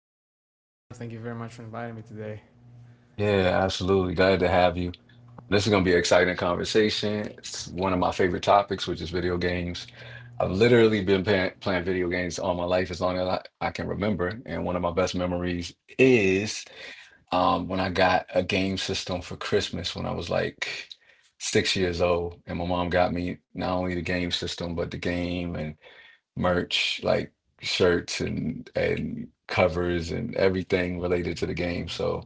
I'm doing great, and thank you very much for inviting me today. Yeah, absolutely. Glad to have you. This is gonna be an exciting conversation. It's one of my favorite topics, which is video games. I've literally been playing video games all my life as long as I can remember. And one of my best memories is when I got a game system for Christmas when I was like 6 years old, and my mom got me not only the game system, but the game and merch, like shirts and covers and everything related to the game. So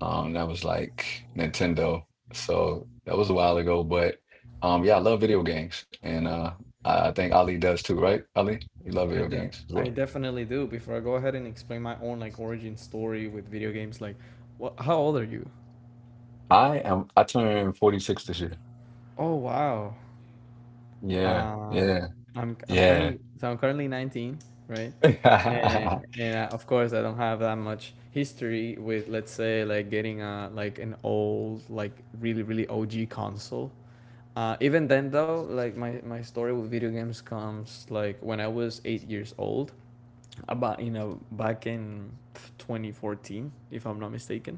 that was like Nintendo. So that was a while ago, but yeah, I love video games, and I think Ali does too, right? Ali, you love I, video de- games as I well. definitely do. Before I go ahead and explain my own like origin story with video games, like, what? How old are you? I turned 46 this year. Oh wow. Yeah, Uh, yeah, I'm yeah. currently so I'm currently 19, right? And and of course I don't have that much history with let's say like getting a like an old like really really OG console. Even then though, like my story with video games comes like when I was 8 years old. About you know back in 2014 if I'm not mistaken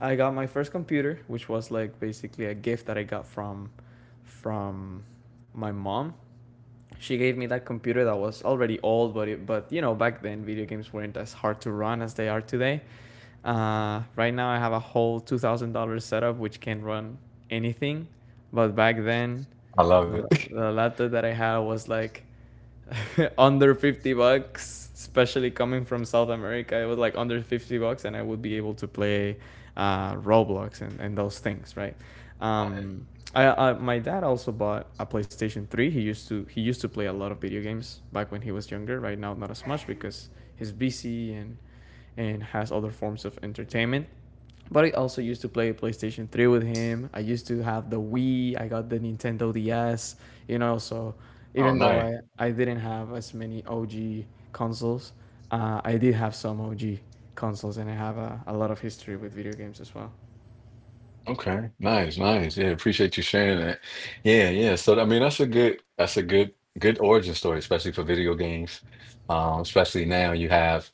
I got my first computer which was like basically a gift that I got from my mom. She gave me that computer that was already old, but you know back then video games weren't as hard to run as they are today. Right now I have a whole $2,000 setup which can run anything. But back then I love the, it. the laptop that I had was like under 50 bucks, especially coming from South America. It was like under 50 bucks, and I would be able to play Roblox and those things, right? Um, my dad also bought a PlayStation 3. He used to play a lot of video games back when he was younger. Right now, not as much because he's busy and has other forms of entertainment. But I also used to play PlayStation 3 with him. I used to have the Wii. I got the Nintendo DS, you know. So Oh, even nice. though I didn't have as many OG consoles, I did have some OG consoles, and I have a lot of history with video games as well. Okay, nice, nice. Yeah, appreciate you sharing that. Yeah, yeah. So I mean, that's a good, good origin story, especially for video games. Especially now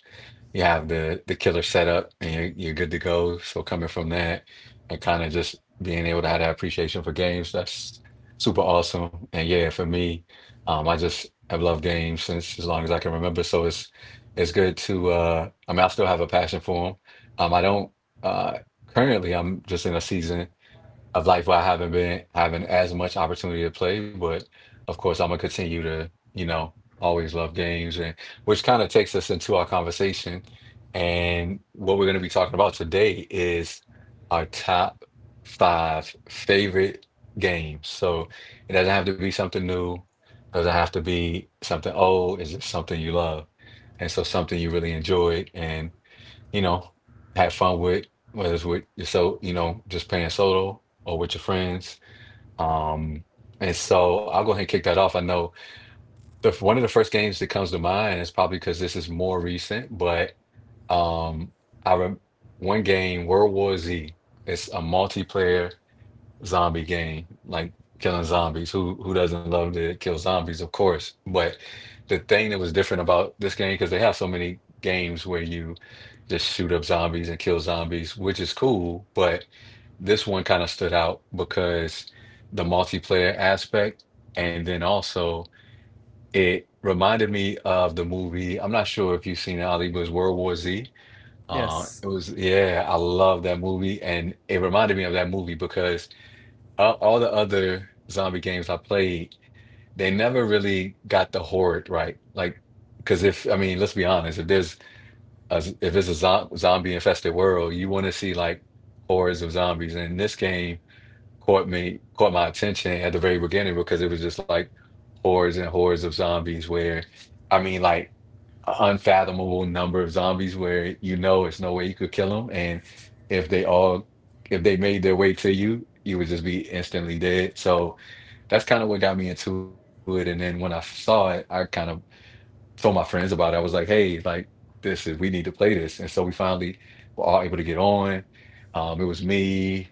you have the killer setup, and you're good to go. So coming from that and kind of just being able to have that appreciation for games, that's super awesome. And yeah, for me, I just have loved games since as long as I can remember. So it's good to I mean, I still have a passion for them. I don't uh, currently. I'm just in a season. I've like why I haven't been having as much opportunity to play, but of course I'm gonna continue to, you know, always love games, and which kind of takes us into our conversation. And what we're gonna be talking about today is our top five favorite games. So it doesn't have to be something new, doesn't have to be something old, it's just something you love. And so something you really enjoyed. And you know, have fun with, whether it's with your so, you know, just playing solo or with your friends. Um, and so I'll go ahead and kick that off. I know the one of the first games that comes to mind is probably because this is more recent, but um, I rem one game, World War Z. It's a multiplayer zombie game, like killing zombies. Who doesn't love to kill zombies, of course. But the thing that was different about this game, because they have so many games where you just shoot up zombies and kill zombies, which is cool, but this one kind of stood out because the multiplayer aspect, and then also it reminded me of the movie. I'm not sure if you've seen it, Ali, but it's World War Z. Yes. it was, yeah, I love that movie, and it reminded me of that movie because all the other zombie games I played, they never really got the horde right. Like, because if I mean, let's be honest, if there's a, if it's a zo zombie infested world, you want to see like hordes of zombies. And this game caught my attention at the very beginning because it was just like hordes and hordes of zombies. Where I mean, like an unfathomable number of zombies where you know it's no way you could kill them, and if they all if they made their way to you, you would just be instantly dead. So that's kind of what got me into it. And then when I saw it, I kind of told my friends about it. I was like, hey, like this is we need to play this. And so we finally were all able to get on. It was me,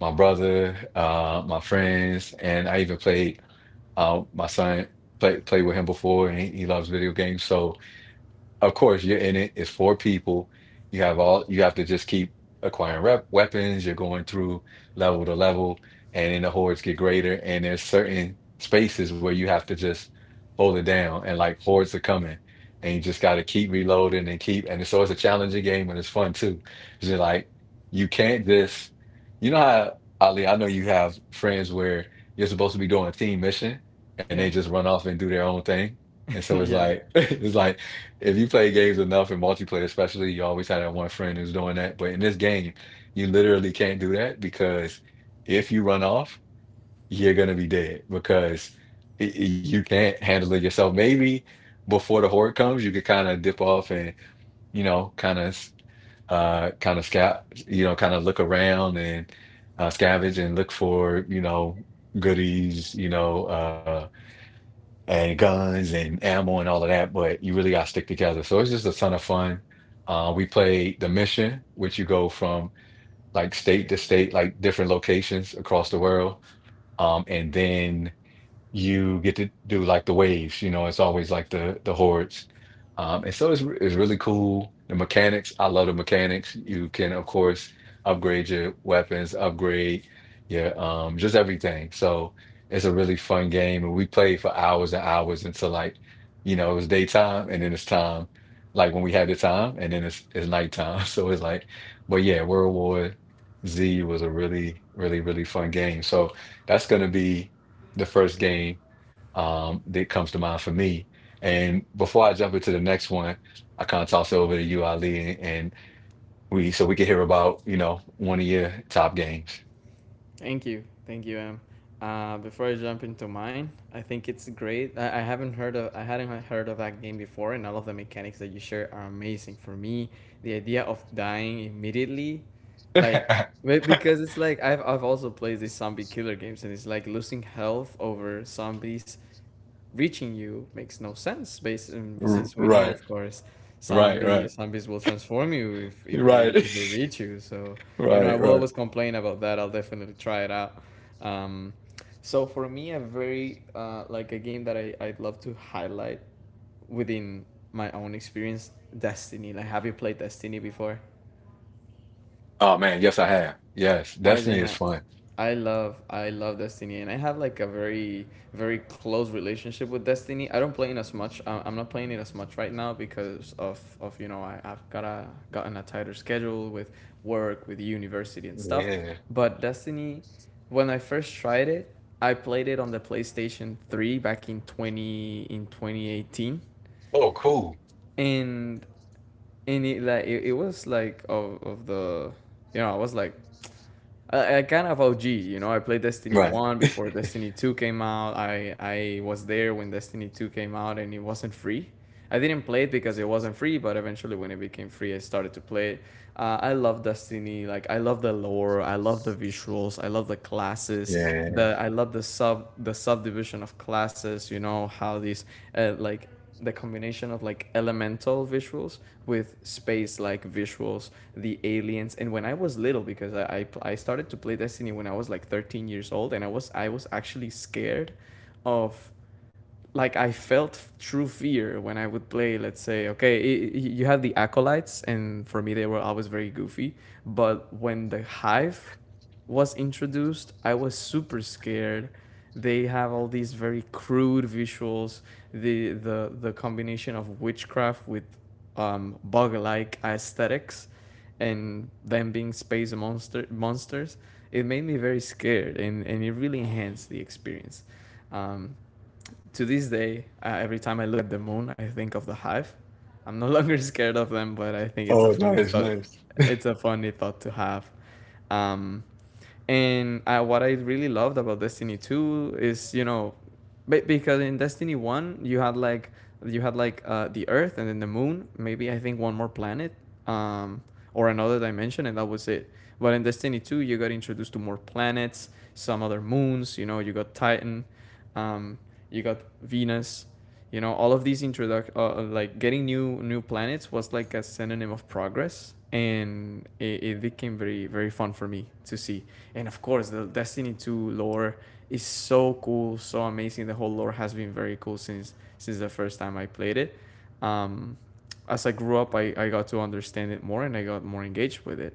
my brother, my friends, and I even played my son played with him before, and he loves video games. So, of course, you're in it. It's four people. You have to just keep acquiring rep weapons. You're going through level to level, and then the hordes get greater. And there's certain spaces where you have to just hold it down, and like hordes are coming, and you just got to keep reloading and keep. And so it's a challenging game, and it's fun too. It's just like you can't just, you know how Ali, I know you have friends where you're supposed to be doing a team mission, and they Yeah. just run off and do their own thing. And so it's yeah. like it's like if you play games enough in multiplayer, especially, you always had that one friend who's doing that. But in this game, you literally can't do that because if you run off, you're gonna be dead because you can't handle it yourself. Maybe before the horde comes, you could kind of dip off and you know, kind of scout, you know, kind of look around, and scavenge and look for you know goodies, you know. And guns and ammo and all of that, but you really got to stick together. So it's just a ton of fun. We played the mission, which you go from like state to state, like different locations across the world. And then you get to do like the waves. You know, it's always like the hordes, and so it's really cool. The mechanics, I love the mechanics. You can of course upgrade your weapons, upgrade your just everything. So it's a really fun game, and we played for hours and hours until like you know it was daytime, and then it's time like when we had the time, and then it's nighttime. So it's like, but yeah, World War Z was a really really really fun game. So that's gonna be the first game that comes to mind for me. And before I jump into the next one, I kind of toss it over to you, Ali, and we so we can hear about you know one of your top games. Thank you. Thank you, Em. Before I jump into mine, I think it's great. I hadn't heard of that game before, and all of the mechanics that you share are amazing. For me, the idea of dying immediately, like, because it's like I've also played these zombie killer games, and it's like losing health over zombies reaching you makes no sense based R- since we know right, of course right, zombie right, zombies will transform you if, if right, they if they reach you. So I right, will right. always complain about that. I'll definitely try it out. um, so for me, a very like a game that I'd love to highlight within my own experience, Destiny. Like, have you played Destiny before? Oh man, yes, I have. Yes, I Destiny and is I, fun. I love Destiny, and I have like a very very close relationship with Destiny. I don't play it as much. I'm not playing it as much right now because of I've gotten a tighter schedule with work, with university and stuff. Yeah. But Destiny, when I first tried it, I played it on the PlayStation 3 back in 2018. Oh, cool. And and it was like of the, you know, I was like I kind of OG. You know, I played Destiny Right. one before Destiny 2 came out. I was there when Destiny 2 came out, and it wasn't free. I didn't play it because it wasn't free, but eventually, when it became free, I started to play it. I love Destiny. Like, I love the lore, I love the visuals, I love the classes, Yeah. the I love the sub the subdivision of classes. You know how these like the combination of like elemental visuals with space like visuals, the aliens. And when I was little, because I started to play Destiny when I was like 13 years old, and I was actually scared of, like, I felt true fear when I would play. Let's say, okay, I you had the acolytes, and for me they were always very goofy. But when the hive was introduced, I was super scared. They have all these very crude visuals. The the the combination of witchcraft with bug-like aesthetics, and them being space monsters, it made me very scared, and it really enhanced the experience. Um, to this day, every time I look at the moon, I think of the hive. I'm no longer scared of them, but I think it's a Oh, funny nice, thought. nice. It's a funny thought to have. Um, and what I really loved about Destiny 2 is, you know, because in Destiny 1 you had like the Earth and then the Moon, maybe I think one more planet, um, or another dimension, and that was it. But in Destiny 2 you got introduced to more planets, some other moons. You know, you got Titan, um, you got Venus. You know, all of these introduction, like getting new planets, was like a synonym of progress, and it became very very fun for me to see. And of course the Destiny 2 lore is so cool, so amazing. The whole lore has been very cool since the first time I played it. um as I grew up, I got to understand it more, and I got more engaged with it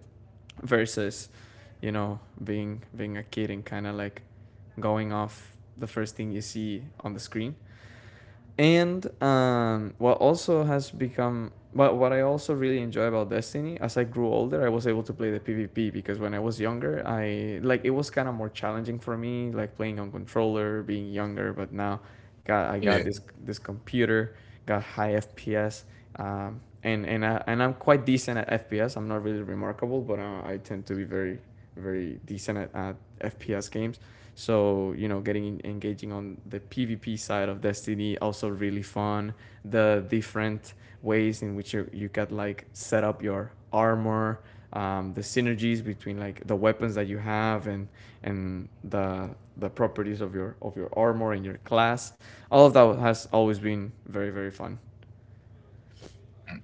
versus, you know, being a kid and kind of like going off the first thing you see on the screen. And um, what also has become, but what I also really enjoy about Destiny, as I grew older, I was able to play the PvP, because when I was younger, I like it was kind of more challenging for me, like playing on controller, being younger. But now, got I got Yeah, this computer, got high FPS. And I'm quite decent at FPS. I'm not really remarkable, but I tend to be very very decent at FPS games. So, you know, getting engaging on the PvP side of Destiny also really fun. The different ways in which you can, like, set up your armor, the synergies between, like, the weapons that you have and the properties of your armor and your class. All of that has always been very very fun.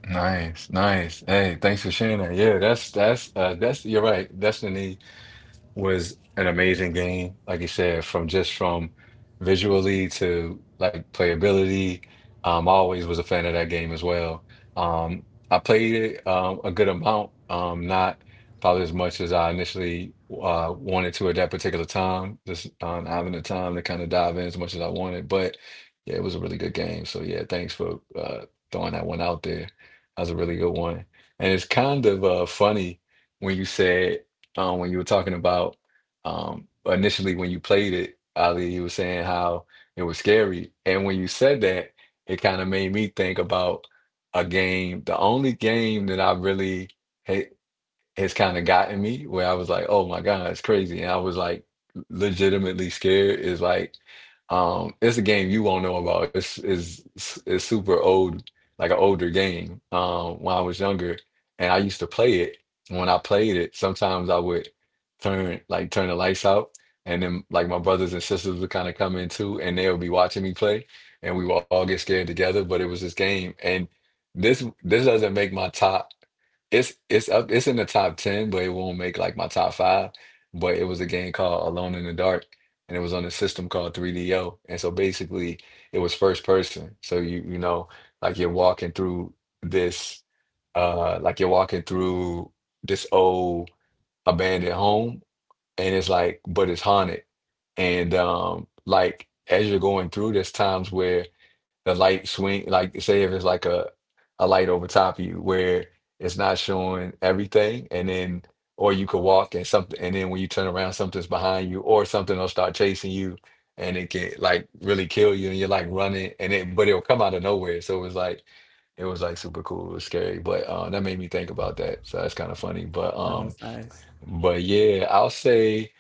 nice, nice. Hey, thanks for sharing that. Yeah, that's you're right. Destiny was an amazing game. Like you said, from just from visually to like playability, I always was a fan of that game as well. I played it a good amount, not probably as much as I initially wanted to at that particular time. Just having the time to kind of dive in as much as I wanted, but yeah, it was a really good game. So yeah, thanks for throwing that one out there. That was a really good one, and it's kind of funny when you said when you were talking about initially when you played it, Ali, you were saying how it was scary. And when you said that, it kind of made me think about a game, the only game that I really hate has kind of gotten me where I was like, oh my God, it's crazy. And I was like legitimately scared is like it's a game you won't know about. It's is it's super old, like an older game. When I was younger and I used to play it. When I played it, sometimes I would turn the lights out, and then like my brothers and sisters would kind of come in too, and they would be watching me play, and we would all get scared together. But it was this game, and this doesn't make my top. It's up it's in the top 10, but it won't make like my top five. But it was a game called Alone in the Dark, and it was on a system called 3DO. And so basically it was first person. So you know, like you're walking through this like you're walking through this old abandoned home, and it's like, but it's haunted. And like as you're going through, there's times where like say if it's like a light over top of you where it's not showing everything, and then or you could walk and something, and then when you turn around, something's behind you, or something will start chasing you, and it can like really kill you, and you're like running, and it but it'll come out of nowhere. So it was like super cool, it was scary, but that made me think about that. So that's kind of funny, Oh, that's nice. but yeah, I'll say.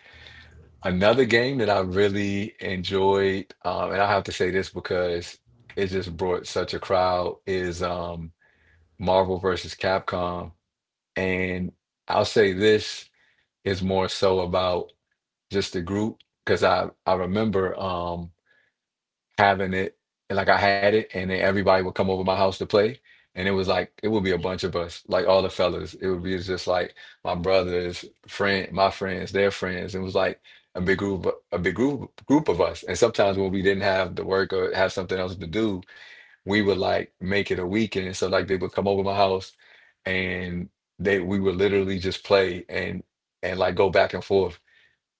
Another game that I really enjoyed, and I have to say this because it just brought such a crowd, is Marvel versus Capcom. And I'll say this is more so about just the group because I remember having it and, like I had it and then everybody would come over my house to play. And it was like it would be a bunch of us, like all the fellas. It would be just like my brothers friend, my friends, their friends. It was like a big group, a big group of us. And sometimes when we didn't have the work or have something else to do, we would like make it a weekend. So like they would come over my house and they we would literally just play and like go back and forth,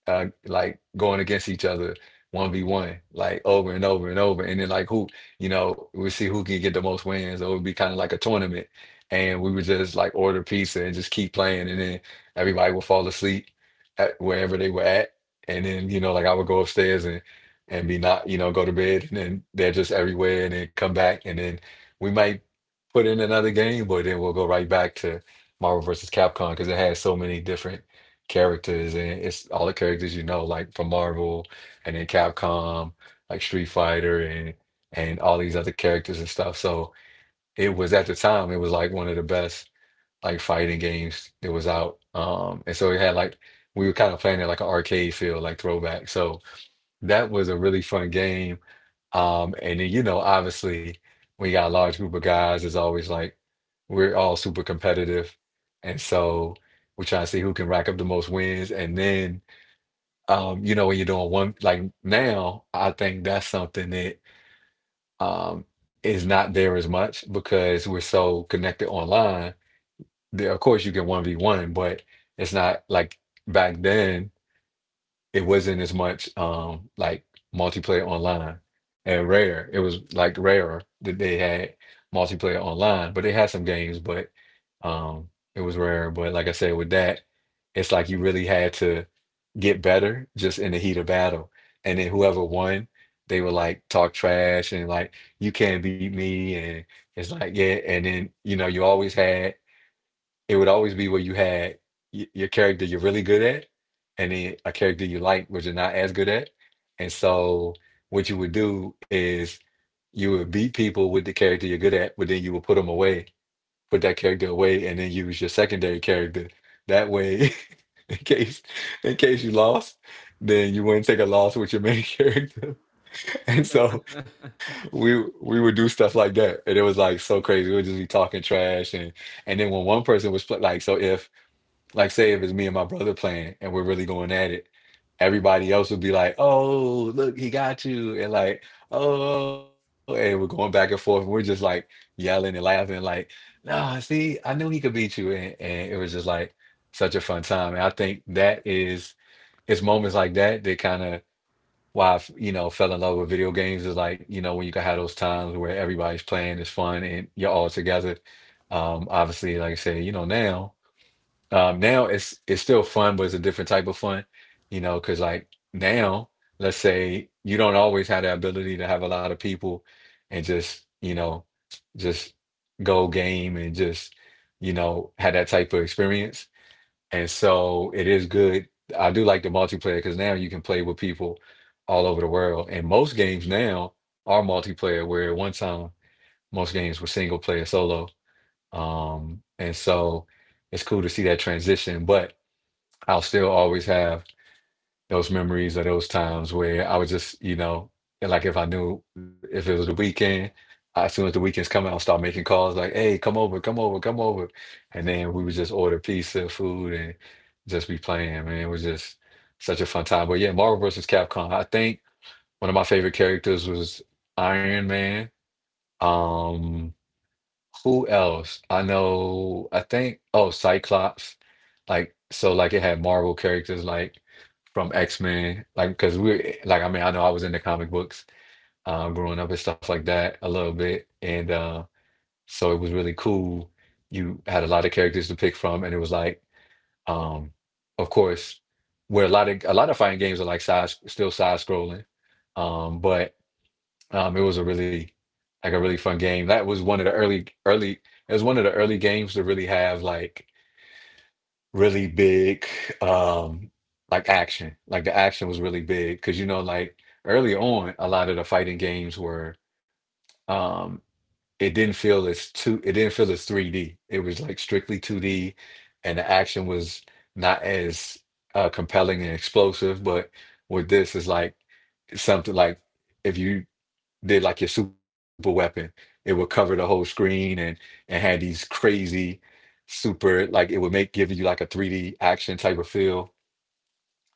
uh, like going against each other 1v1, like over and over and over. And then like who you know we see who can get the most wins, or it would be kind of like a tournament. And we would just like order pizza and just keep playing. And then everybody would fall asleep at wherever they were at. And then, you know, like I would go upstairs and be not you know go to bed. And then they're just everywhere. And then come back, and then we might put in another game, but then we'll go right back to Marvel versus Capcom because it has so many different characters. And it's all the characters, you know, like from Marvel and then Capcom, like Street Fighter and all these other characters and stuff. So it was, at the time, it was like one of the best like fighting games that was out. And so it had like we were kind of playing it like an arcade feel, like throwback. So that was a really fun game. And then, you know, obviously, when you got a large group of guys, it's always like we're all super competitive. And so we're trying to see who can rack up the most wins. And then, you know, when you're doing one, like now, I think that's something that, um, is not there as much because we're so connected online. Of course, you can 1v1, but it's not like back then. It wasn't as much like multiplayer online. And rare, it was like rarer that they had multiplayer online, but they had some games. But um it was rare, but like I said, with that, it's like you really had to get better just in the heat of battle. And then whoever won, they would like talk trash and like, "You can't beat me." And it's like, yeah. And then, you know, you always had, it would always be where you had your character you're really good at, and then a character you like, which you're not as good at. And so what you would do is you would beat people with the character you're good at, but then you would put them away, put that character away, and then use your secondary character. That way, in case in case you lost, then you wouldn't take a loss with your main character. And so, we would do stuff like that, and it was like so crazy. We would just be talking trash and. And then when one person was like, so if like, say if it's me and my brother playing and we're really going at it, everybody else would be like, "Oh, look, he got you," and like, "Oh," and we're going back and forth. And we're just like yelling and laughing, like, "Nah, see, I knew he could beat you," and it was just like such a fun time. And I think that is, it's moments like that that kind of, why I, you know, fell in love with video games. Is like, you know, when you can have those times where everybody's playing, it's fun, and you're all together. Obviously, like I said, you know, now. Now it's still fun, but it's a different type of fun, you know, because like now, let's say you don't always have the ability to have a lot of people and just, you know, just go game and just, you know, have that type of experience. And so it is good. I do like the multiplayer because now you can play with people all over the world. And most games now are multiplayer, where at one time most games were single player solo. And so it's cool to see that transition, but I'll still always have those memories of those times where I was just, you know, and like if I knew if it was the weekend, as soon as the weekend's coming, I'll start making calls like, "Hey, come over, come over, come over." And then we would just order pizza, food, and just be playing, man. It was just such a fun time. But yeah, Marvel versus Capcom. I think one of my favorite characters was Iron Man. Um, who else? I know, I think, oh, Cyclops. Like, so, like, it had Marvel characters, like, from X-Men. Like, because we're, like, I mean, I know I was into comic books, growing up and stuff like that a little bit. And, so it was really cool. You had a lot of characters to pick from. And it was like, um, of course, where a lot of fighting games are like still side scrolling. But it was a really like a really fun game. That was one of the early early, it was one of the early games to really have like really big, um like action. Like the action was really big because, you know, like early on a lot of the fighting games were, um it didn't feel as two it didn't feel as 3D. It was like strictly 2D and the action was not as, compelling and explosive. But with this, it's like something like if you did like your super weapon, it would cover the whole screen and had these crazy super, like it would make give you like a 3D action type of feel.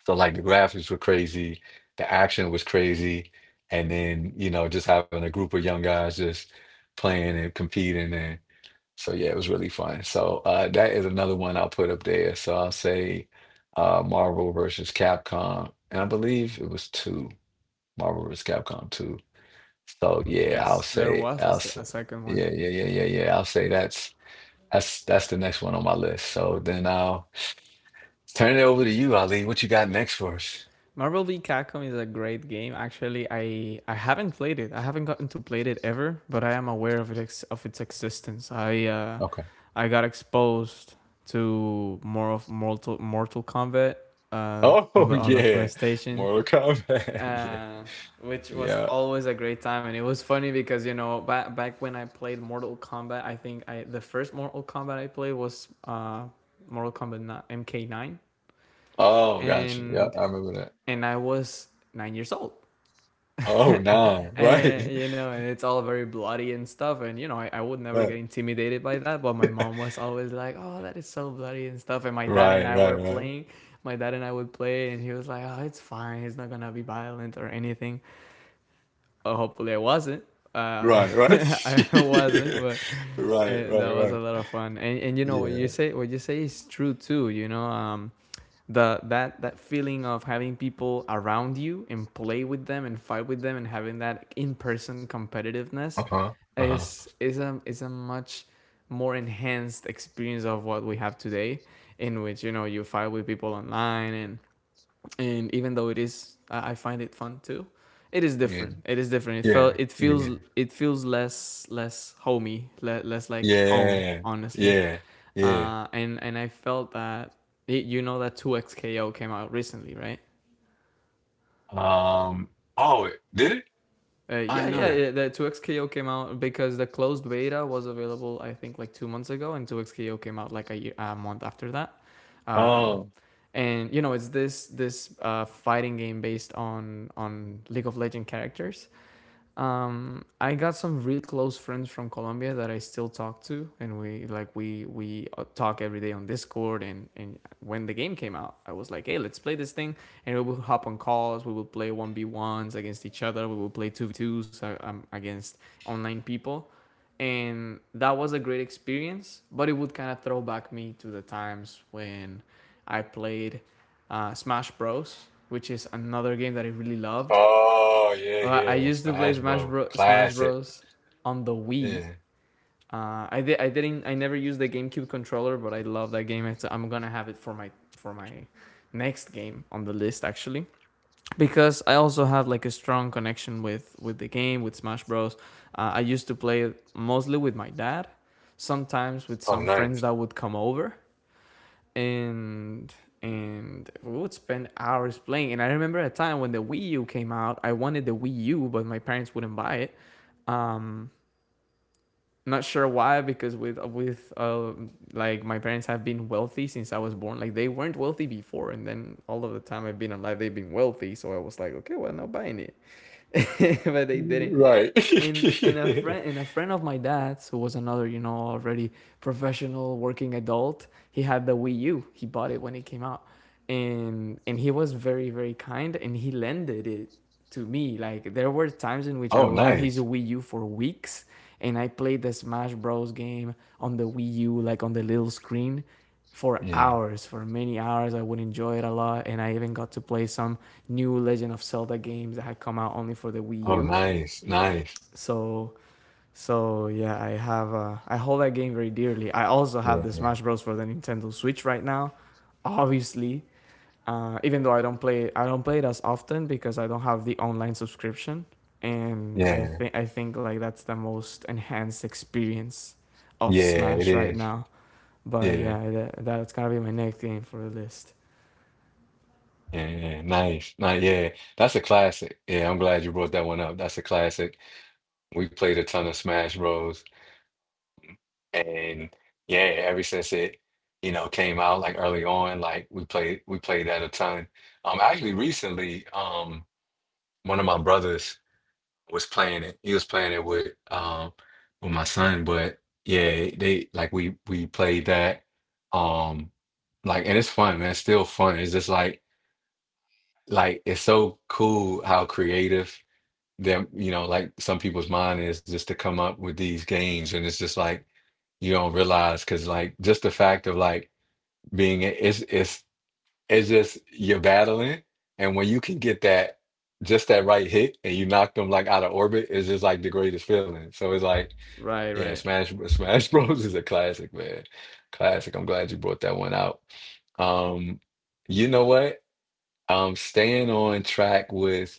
So like the graphics were crazy, the action was crazy, and then, you know, just having a group of young guys just playing and competing. And so yeah, it was really fun. So, uh, that is another one I'll put up there. So I'll say, uh, Marvel versus Capcom, and I believe it was two. Marvel versus Capcom 2. So yeah, Yes, there was a, se- a second one. yeah, yeah, yeah, yeah, yeah. I'll say that's that's the next one on my list. So then I'll turn it over to you, Ali. What you got next for us? Marvel v Capcom is a great game. Actually, I haven't played it. I haven't gotten to play it ever, but I am aware of its existence. Okay. I got exposed to more of Mortal Kombat, on Oh, the on the yeah. PlayStation, Mortal Kombat. uh, which was Yeah. Yeah. always a great time. And it was funny because, you know, back when I played Mortal Kombat, I think I the first Mortal Kombat I played was Mortal Kombat MK9, Oh, gotcha. Yeah, and I remember that. and I was 9 years old. Oh, nah. and Right. you know and it's all very bloody and stuff, and I would never Uh, get intimidated by that, but my mom was always like, oh, that is so bloody and stuff. And Right, right, right. My dad and I would play, and he was like, oh, it's fine, it's not gonna be violent or anything. Hopefully I wasn't. Uh, Right, right. I wasn't, Yeah. but Right, that right, was a right. lot of fun. And you know Yeah. What you say is true too. You know, the that that feeling of having people around you and play with them and fight with them and having that in person competitiveness Uh-huh. Uh-huh. is a much more enhanced experience of what we have today, in which, you know, you fight with people online. And even though it is, I find it fun too. It is Yeah. different. It is different. It Yeah. felt. Yeah. It feels less homey, less like home. Yeah. Honestly, Yeah. Yeah. Yeah. And I felt that you know that 2XKO came out recently, right? Um, oh, did it? I Yeah, didn't know yeah, that. yeah, the 2xKO came out because the closed beta was available, I think, like 2 months ago, and 2xKO came out like a month after that. Um, Oh. and, you know, it's this fighting game based on League of Legend characters. I got some really close friends from Colombia that I still talk to, and we like we talk every day on Discord. And when the game came out, I was like, hey, let's play this thing, and we will hop on calls. We will play 1v1s against each other. We will play 2v2s against online people, and that was a great experience. But it would kind of throw back me to the times when I played Smash Bros, which is another game that I really loved. Oh, yeah, I yeah. used to play Smash Bros. Smash Classic. Bros. On the Wii. Yeah. I did. I didn't. I never used the GameCube controller, but I love that game. I'm gonna have it for my next game on the list actually, because I also have like a strong connection with the game with Smash Bros. I used to play it mostly with my dad, sometimes with Oh, some friends nice. that would come over and and we would spend hours playing. And I remember a time when the Wii U came out, I wanted the Wii U, but my parents wouldn't buy it. Um, Not sure why, because with like my parents have been wealthy since I was born. Like they weren't wealthy before, and then all of the time I've been alive, they've been wealthy. So I was like, okay, well, I'm not buying it. But they didn't. Right. And and a friend and a friend of my dad's who was another, you know, already professional working adult, he had the Wii U. He bought it when it came out. And he was very, very kind and he lended it to me. Like there were times in which I Oh, would have his nice. Wii U for weeks, and I played the Smash Bros game on the Wii U, like on the little screen for Yeah. hours, for many hours. I would enjoy it a lot, and I even got to play some new Legend of Zelda games that had come out only for the Wii Oh, U. nice. Nice. So so yeah, I have I hold that game very dearly. I also have the Yeah. Smash Bros for the Nintendo Switch right now, obviously. Even though I don't play it as often because I don't have the online subscription, and I Yeah. think I think like that's the most enhanced experience of Yeah, it Smash right is. now. But Yeah. yeah, that's gotta be my next game for the list. Yeah, yeah, nice, nice. Yeah, that's a classic. Yeah, I'm glad you brought that one up. That's a classic. We played a ton of Smash Bros. And yeah, ever since it, you know, came out, like early on, like we played that a ton. Um, actually recently, um, one of my brothers was playing it. He was playing it with, um, with my son. But yeah, they like we played that. Um, like, and it's fun, man. It's still fun. It's just like it's so cool how creative them, you know, like some people's mind is just to come up with these games. And it's just like, you don't realize because, like, just the fact of like being, it's just you're battling. And when you can get that, just that right hit, and you knock them like out of orbit, it's just like the greatest feeling. So it's like, Right, yeah, right. Smash bros is a classic, man. Classic. I'm glad you brought that one out. Um, you know what, um, staying on track with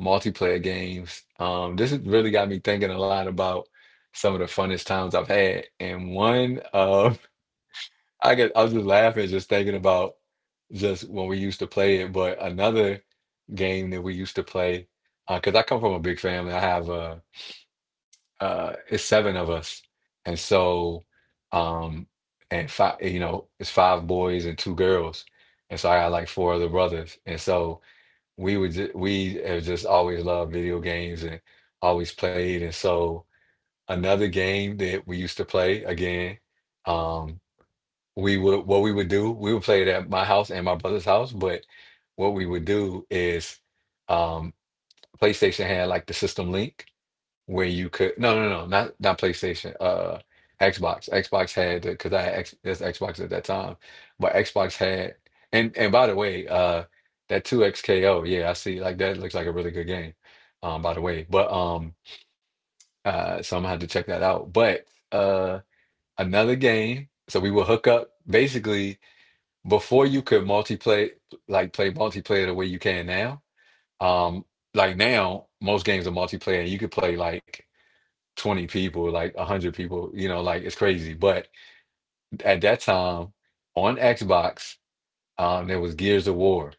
multiplayer games, um, this has really got me thinking a lot about some of the funnest times I've had. And one of, I was just laughing just thinking about just when we used to play it. But another game that we used to play, because I come from a big family. I have, uh, it's 7 of us. And so, um, and five, you know, it's 5 boys and 2 girls. And so I got like 4 other brothers. And so we would just, we have just always loved video games and always played. And so another game that we used to play again, um, we would what we would do we would play it at my house and my brother's house. But what we would do is um PlayStation had like the system link where you could... No, no, no, not PlayStation, Xbox had, because I had X, that's Xbox at that time. But Xbox had... And by the way, that 2XKO, yeah, I see, like that looks like a really good game, by the way. But so I'm gonna have to check that out. But uh another game, so we would hook up, basically, before you could multiplayer, like play multiplayer the way you can now. um like now most games are multiplayer and you could play like 20 people, like 100 people, you know, like it's crazy. But at that time, on Xbox, there was Gears of War.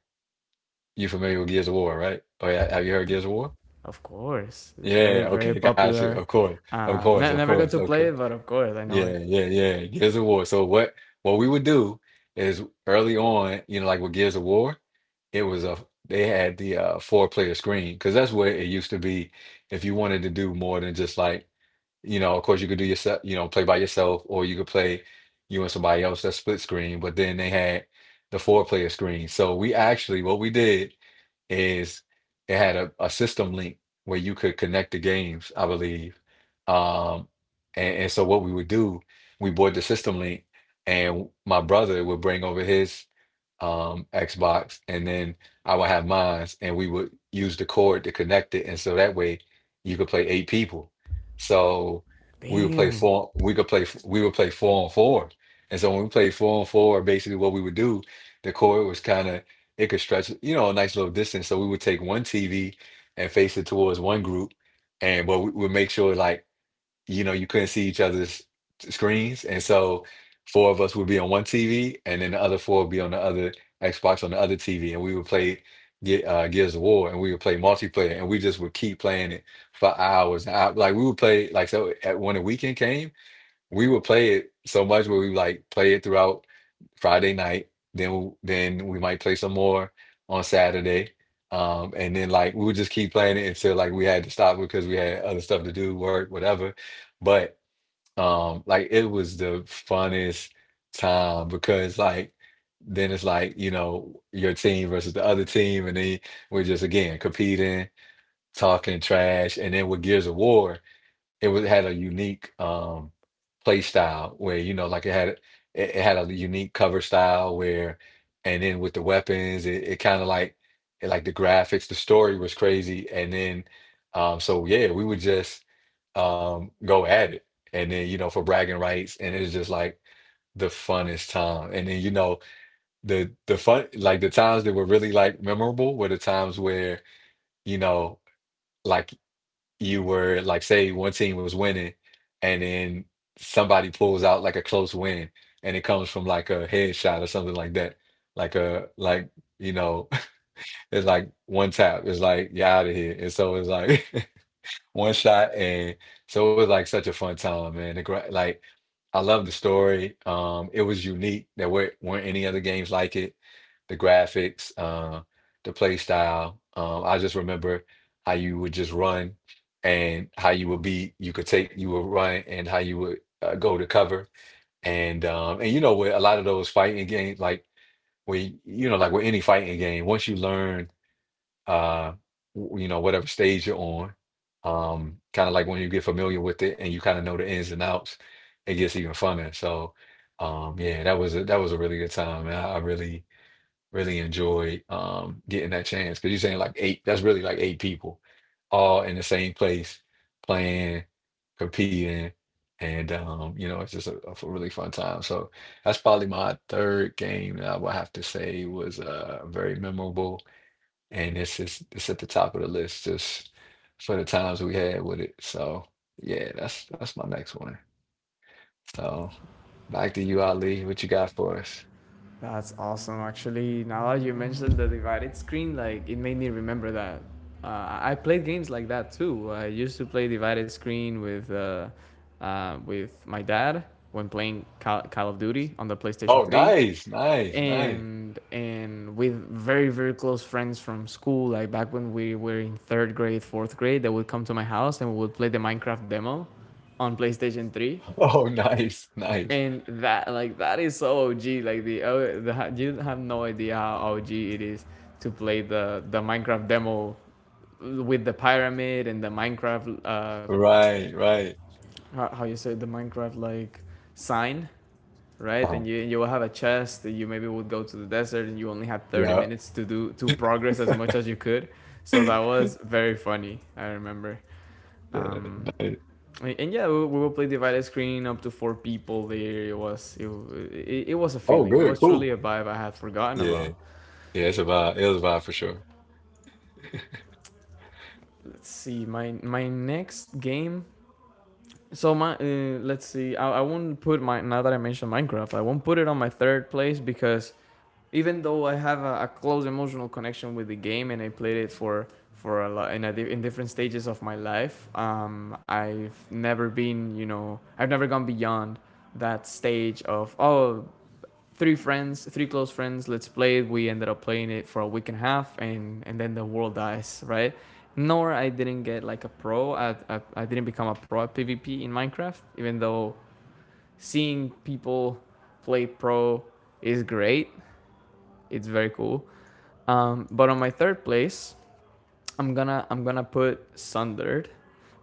You familiar with Gears of War, right? Oh yeah, have you heard Gears of War? Of course, it's very Yeah, very okay, gotcha. Of popular. course, of course, of Never course, got to okay. play it, but of course I know Yeah, it. yeah, yeah. Gears of War. So what we would do is early on, you know, like with Gears of War, it was a they had the 4 player screen, because that's where it used to be. If you wanted to do more than just like, you know, of course you could do yourself, you know, play by yourself, or you could play you and somebody else, that's split screen. But then they had the 4 player screen. So we actually, what we did is it had a system link where you could connect the games, I believe. Um, and so what we would do, we bought the system link, and my brother would bring over his Xbox, and then I would have mine, and we would use the cord to connect it, and so that way you could play 8 people. So Damn. We would play 4 on 4. And so when we played 4 on 4, basically what we would do, the cord was kind of... it could stretch, you know, a nice little distance. So we would take one TV and face it towards one group, and but we would make sure like, you know, you couldn't see each other's screens. And so four of us would be on one TV, and then the other four would be on the other Xbox, on the other TV. And we would play Gears of War, and we would play multiplayer, and we just would keep playing it for hours. And I, like we would play, like, so at, when the weekend came, we would play it so much where we like play it throughout Friday night. Then we might play some more on Saturday. And then like we would just keep playing it until like we had to stop because we had other stuff to do, work, whatever. But like it was the funnest time, because like then it's like, you know, your team versus the other team, and then we're just again competing, talking trash. And then with Gears of War, it was had a unique play style where, you know, like it had it, it had a unique cover style where... and then with the weapons, it kind of like it, like the graphics, the story was crazy. And then so yeah, we would just go at it, and then, you know, for bragging rights. And it was just like the funnest time. And then, you know, the fun, like the times that were really like memorable were the times where, you know, like you were like, say one team was winning, and then somebody pulls out like a close win, and it comes from like a headshot or something like that, like a like, you know, it's like one tap, it's like you're out of here, and so it's like one shot. And so it was like such a fun time, man. The, like I love the story. It was unique. There weren't any other games like it. The graphics, the play style. I just remember how you would just run, and how you would be. You could take, you would run, and how you would go to cover. And you know, with a lot of those fighting games, like where, you know, like with any fighting game, once you learn uh, you know, whatever stage you're on. Kind of like when you get familiar with it and you kind of know the ins and outs, it gets even funner. So, yeah, that was a really good time. And I really really enjoyed getting that chance, because you're saying like 8, that's really like 8 people all in the same place, playing, competing, and you know, it's just a really fun time. So that's probably my third game that I would have to say was very memorable, and it's just, it's at the top of the list just for the times we had with it. So yeah, that's my next one. So back to you, Ali. What you got for us? That's awesome. Actually, now that you mentioned the divided screen, like it made me remember that. I played games like that too. I used to play divided screen with my dad when playing Call of Duty on the PlayStation Oh, Three, nice, nice, nice. and with very very close friends from school. Like back when we were in third grade, fourth grade, they would come to my house and we would play the Minecraft demo on PlayStation Three, Oh, nice, nice. and that like that is so OG. Like the, oh, the you have no idea how OG it is to play the Minecraft demo with the pyramid and the Minecraft uh, Right, right. How you say it, the Minecraft like sign, right? Uh-huh. And you will have a chest. And you maybe would go to the desert and you only had thirty Yeah, minutes to progress as much as you could. So yeah. that was very funny. I remember. Um, Nice. and yeah, we will play divided screen up to four people there. It was a Oh, feeling. It good, was truly a cool. vibe I had forgotten Yeah, about. yeah. It's a vibe. It was a vibe for sure. Let's see my next game. So my let's see. I won't put my, now that I mentioned Minecraft, I won't put it on my third place because even though I have a close emotional connection with the game and I played it for a lot in, a, in different stages of my life, I've never been, you know, I've never gone beyond that stage of oh, three friends, three close friends. Let's play it. We ended up playing it for a week and a half, and then the world dies, right? Nor I didn't become a pro at PvP in Minecraft, even though seeing people play pro is great. It's very cool. But on my third place, I'm gonna put Sundered,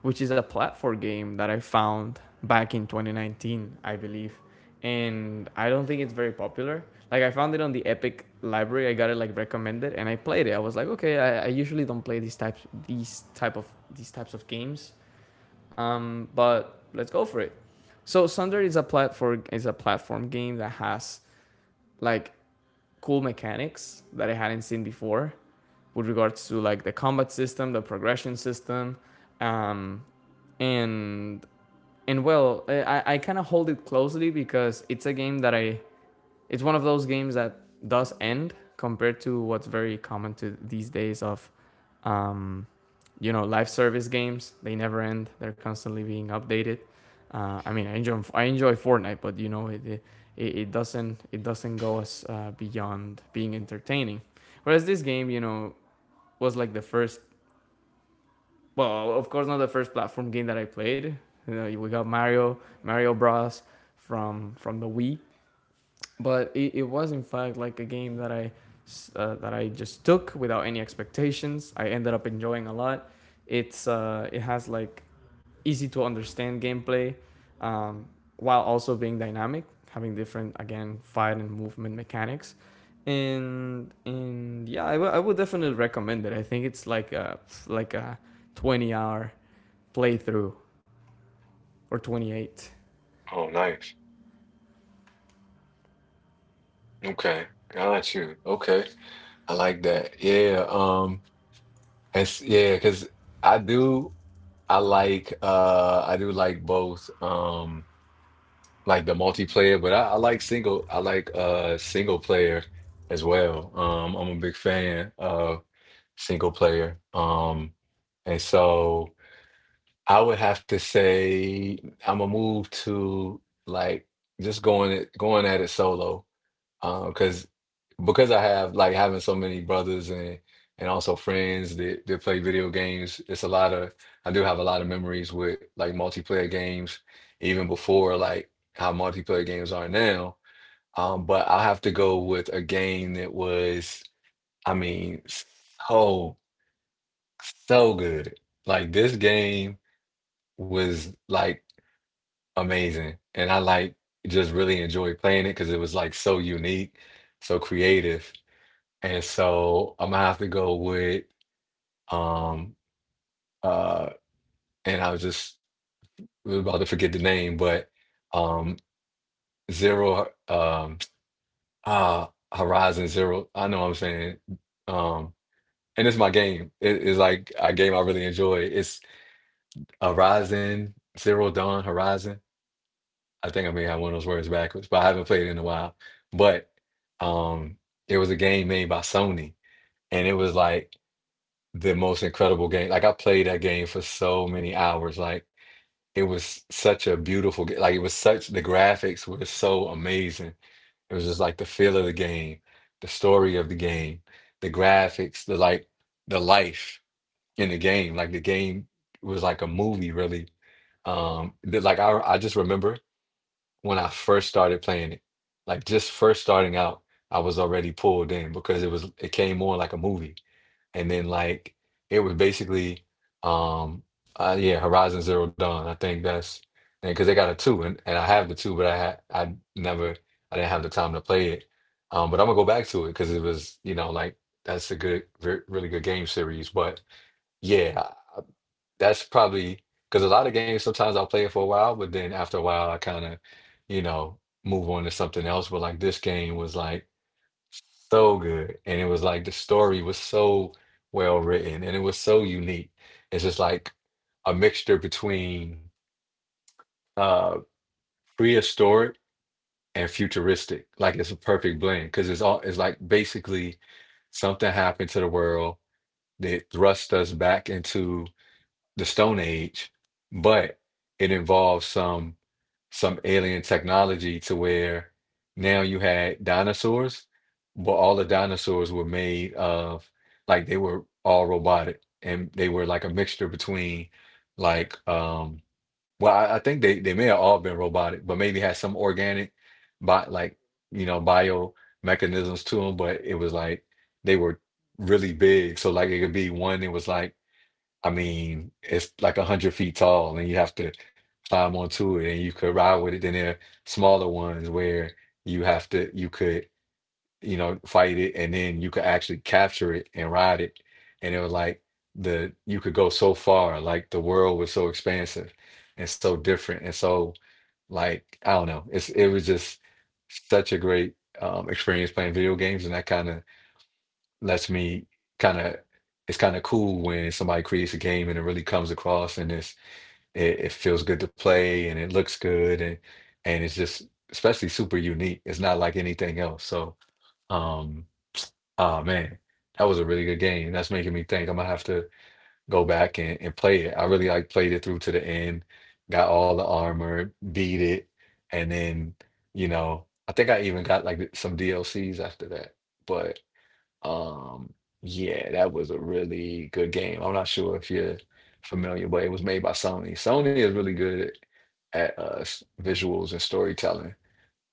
which is a platform game that I found back in 2019, I believe. And I don't think it's very popular. Like I found it on the Epic library. I got it like recommended, and I played it. I was like, okay, I usually don't play these types of games. But let's go for it. So Sunder is a platform game that has like cool mechanics that I hadn't seen before with regards to like the combat system, the progression system, um, and well, I kind of hold it closely because it's a game that I it's one of those games that does end compared to what's very common to these days of um, you know, live service games. They never end. They're constantly being updated. I mean, I enjoy Fortnite, but you know it doesn't, go as beyond being entertaining. Whereas this game, you know, was like the first, well, of course, not the first platform game that I played. You know, we got Mario Bros. From the Wii, but it was in fact like a game that that I just took without any expectations. I ended up enjoying a lot. It's it has like easy to understand gameplay, um, while also being dynamic, having different again fight and movement mechanics. And yeah, I would definitely recommend it. I think it's like a 20 hour playthrough or 28. Oh, nice. Okay, got you. Okay, I like that. Yeah. It's, yeah, because I do. I like I do like both like the multiplayer, but I like single, I like single player as well. Um, I'm a big fan of single player. And so I would have to say I'm gonna move to, like, just going at it solo. Because I have like, having so many brothers, and also friends that that play video games, it's a lot of... I do have a lot of memories with like multiplayer games, even before like how multiplayer games are now. But I have to go with a game that was, I mean, so so good. Like this game was like amazing, and I like just really enjoyed playing it because it was like so unique, so creative. And so I'm gonna have to go with um uh and I was just about to forget the name, but um Zero, ah, Horizon Zero. I know what I'm saying. Um, and it's my game. It is like a game I really enjoy. It's Horizon Zero Dawn, Horizon. I think I may have one of those words backwards, but I haven't played it in a while. But um it was a game made by Sony, and it was like the most incredible game. Like I played that game for so many hours. Like it was such a beautiful game. Like it was such, the graphics were so amazing. It was just like the feel of the game, the story of the game, the graphics, the like the life in the game. Like the game was like a movie, really. Um, that, like I just remember when I first started playing it. Like just first starting out, I was already pulled in because it was it came on like a movie, and then like it was basically um yeah, Horizon Zero Dawn, I think that's... because they got a two, and I have the two, but I had I never, I didn't have the time to play it. But I'm gonna go back to it because it was, you know, like that's a good re really good game series. But yeah, I-, that's probably... because a lot of games, sometimes I'll play it for a while, but then after a while I kind of, you know, move on to something else. But like this game was like so good. And it was like the story was so well written, and it was so unique. It's just like a mixture between uh prehistoric and futuristic. Like it's a perfect blend, because it's all, it's like basically something happened to the world that thrust us back into the Stone Age, but it involves some alien technology to where now you had dinosaurs, but all the dinosaurs were made of, like they were all robotic, and they were like a mixture between like well I think they may have all been robotic, but maybe had some organic, but like, you know, bio mechanisms to them. But it was like they were really big. So like it could be one that was like, I mean, it's like 100 feet tall, and you have to climb onto it, and you could ride with it. Then there are smaller ones where you have to, you could, you know, fight it, and then you could actually capture it and ride it. And it was like the you could go so far, like the world was so expansive and so different, and so like I don't know, it was just such a great experience playing video games, and that kind of lets me kind of it's kind of cool when somebody creates a game and it really comes across and it feels good to play and it looks good and it's just especially super unique. It's not like anything else. So um oh man, that was a really good game. That's making me think I'm gonna have to go back and play it. I really like played it through to the end, got all the armor, beat it, and then you know I think I even got like some DLCs after that. But. Um, yeah, that was a really good game. I'm not sure if you're familiar, but it was made by Sony. Sony is really good at visuals and storytelling.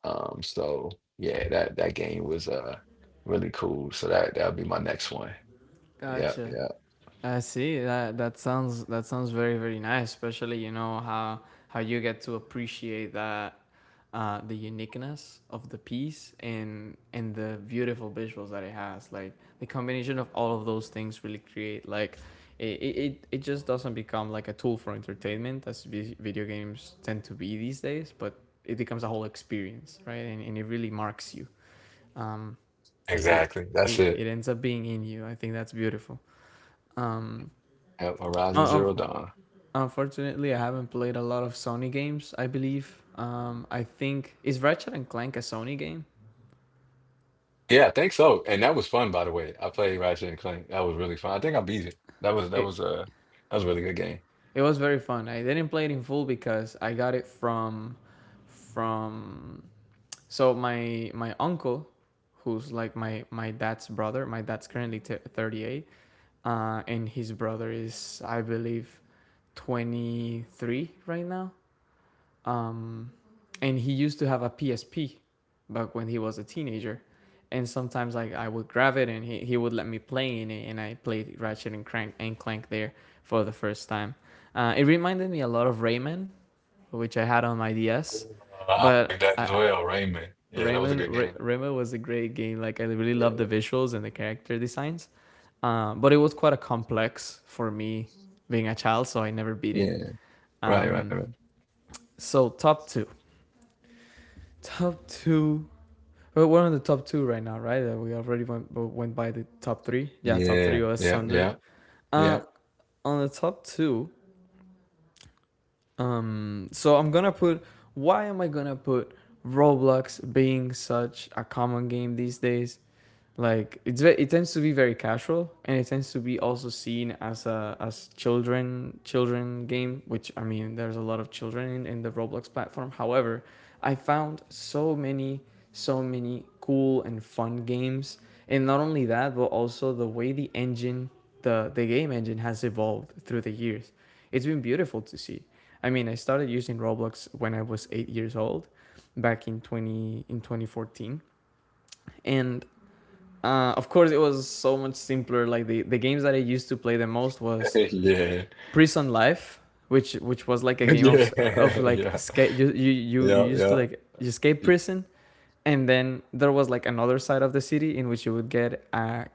So yeah, that game was really cool. So that'll be my next one. Yep, Gotcha. yep. I see. That sounds very very nice, especially you know how you get to appreciate that the uniqueness of the piece and the beautiful visuals that it has. Like the combination of all of those things really create like it just doesn't become like a tool for entertainment as video games tend to be these days, but it becomes a whole experience, right? And it really marks you. Um, it, Exactly. That's it. it ends up being in you. I think that's beautiful. Um, Yep, Horizon un- Zero un- Dawn. unfortunately, I haven't played a lot of Sony games, I believe. I think, is Ratchet and Clank a Sony game? Yeah, I think so. And that was fun, by the way. I played Ratchet and Clank. That was really fun. I think I beat it. That was that was It uh that was a really good game. it was very fun. I didn't play it in full because I got it from from so my uncle, who's like my dad's brother. My dad's currently 38, and his brother is, I believe, 23 right now. Um, and he used to have a PSP back when he was a teenager. And sometimes like I would grab it and he would let me play in it, and I played Ratchet and Crank and Clank there for the first time. It reminded me a lot of Rayman, which I had on my DS. I like But that as well, Rayman. Yeah, that was a good game. Rayman was a great game. Like I really loved the Yeah. visuals and the character designs. But it was quite a complex for me being a child, so I never beat it. Yeah. Right, right, Um, right. so top two. But we're on the top two right now, right? We already went by the top three. Yeah, top three Yeah, was yeah, standard. yeah, Uh, yeah. on the top two, so I'm gonna put. Why am I gonna put Roblox being such a common game these days? Like it's very, it tends to be very casual and it tends to be also seen as a, as children game, which, I mean, there's a lot of children in the Roblox platform. However, I found so many cool and fun games, and not only that but also the way the engine, the game engine has evolved through the years, it's been beautiful to see. I mean, I started using Roblox when I was 8 years old, back in 20 in 2014. And of course, it was so much simpler. Like the games that I used to play the most was Yeah. Prison Life, which was like a game of Yeah. Like Yeah. escape. You you used to Yeah. like escape prison, and then there was like another side of the city in which you would get a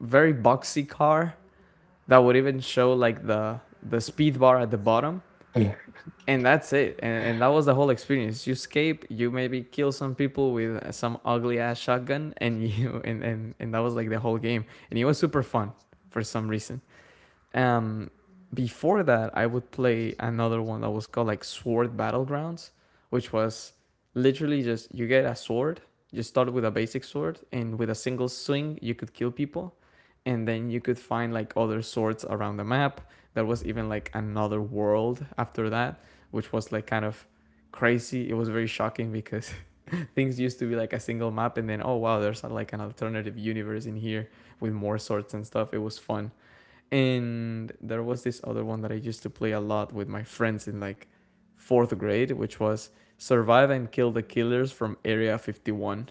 very boxy car that would even show like the speed bar at the bottom, Yeah. and that's it. And that was the whole experience. You escape, you maybe kill some people with some ugly ass shotgun, and you and that was like the whole game, and it was super fun for some reason. Um, before that, I would play another one that was called like Sword Battlegrounds, which was literally just you get a sword, you start with a basic sword, and with a single swing, you could kill people. And then you could find like other swords around the map. There was even like another world after that, which was like kind of crazy. It was very shocking because things used to be like a single map, and then, oh wow, there's like an alternative universe in here with more swords and stuff. It was fun, and there was this other one that I used to play a lot with my friends in like fourth grade, which was Survive and Kill the Killers from Area 51.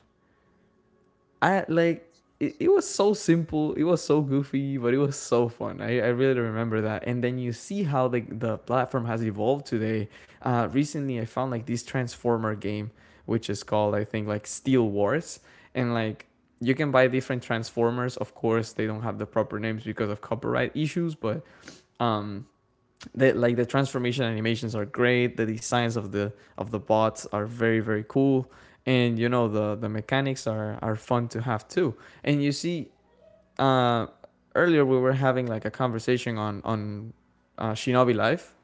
I like it was so simple, it was so goofy, but it was so fun. I really remember that. And then you see how the platform has evolved today. Recently, I found like this Transformer game, which is called, I think, like Steel Wars. And like you can buy different transformers. Of course, they don't have the proper names because of copyright issues. But um that, like, the transformation animations are great. The designs of the bots are very, very cool. And you know the mechanics are fun to have too. And you see, uh earlier we were having like a conversation on Shinobi Life,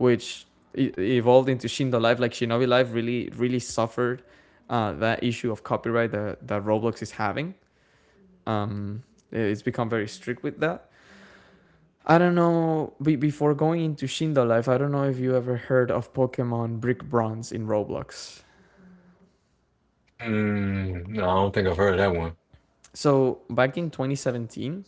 which evolved into Shindo Life. Like Shinobi Life really, really suffered that issue of copyright that Roblox is having. um it's become very strict with that. I don't know. Before going into Shindo Life, I don't know if you ever heard of Pokemon Brick Bronze in Roblox. Mm, no, I don't think I've heard of that one. So back in 2017,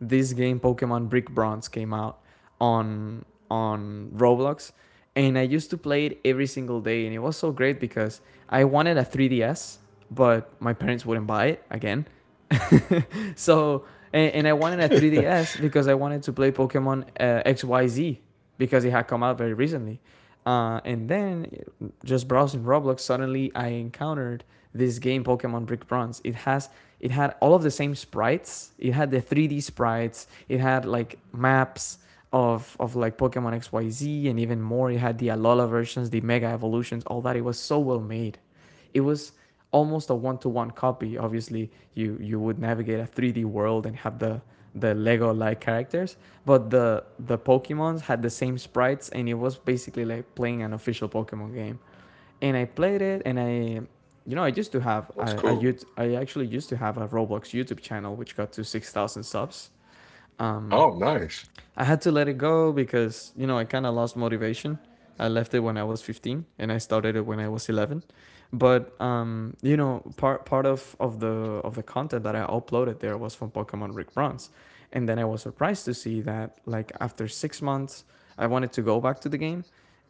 this game Pokemon Brick Bronze came out on Roblox, and I used to play it every single day, and it was so great because I wanted a 3DS, but my parents wouldn't buy it again. So and I wanted a 3DS because I wanted to play Pokemon XYZ because it had come out very recently. And then, just browsing Roblox, suddenly I encountered this game Pokemon Brick Bronze. It had all of the same sprites. It had the 3D sprites. It had like maps of like Pokemon XYZ and even more. It had the Alola versions, the Mega Evolutions, all that. It was so well made. It was almost a one-to-one copy. Obviously, you would navigate a 3D world and have the Lego like characters, but the Pokemons had the same sprites, and it was basically like playing an official Pokemon game. And I played it, and I you know, I used to have That's cool. I actually used to have a Roblox YouTube channel which got to 6,000 subs. Um, Oh, nice. I had to let it go because, you know, I kind of lost motivation. I left it when I was 15, and I started it when I was 11. But you know, part of the of the content that I uploaded there was from Pokemon Rick Bronze, and then I was surprised to see that, like, after 6 months, I wanted to go back to the game,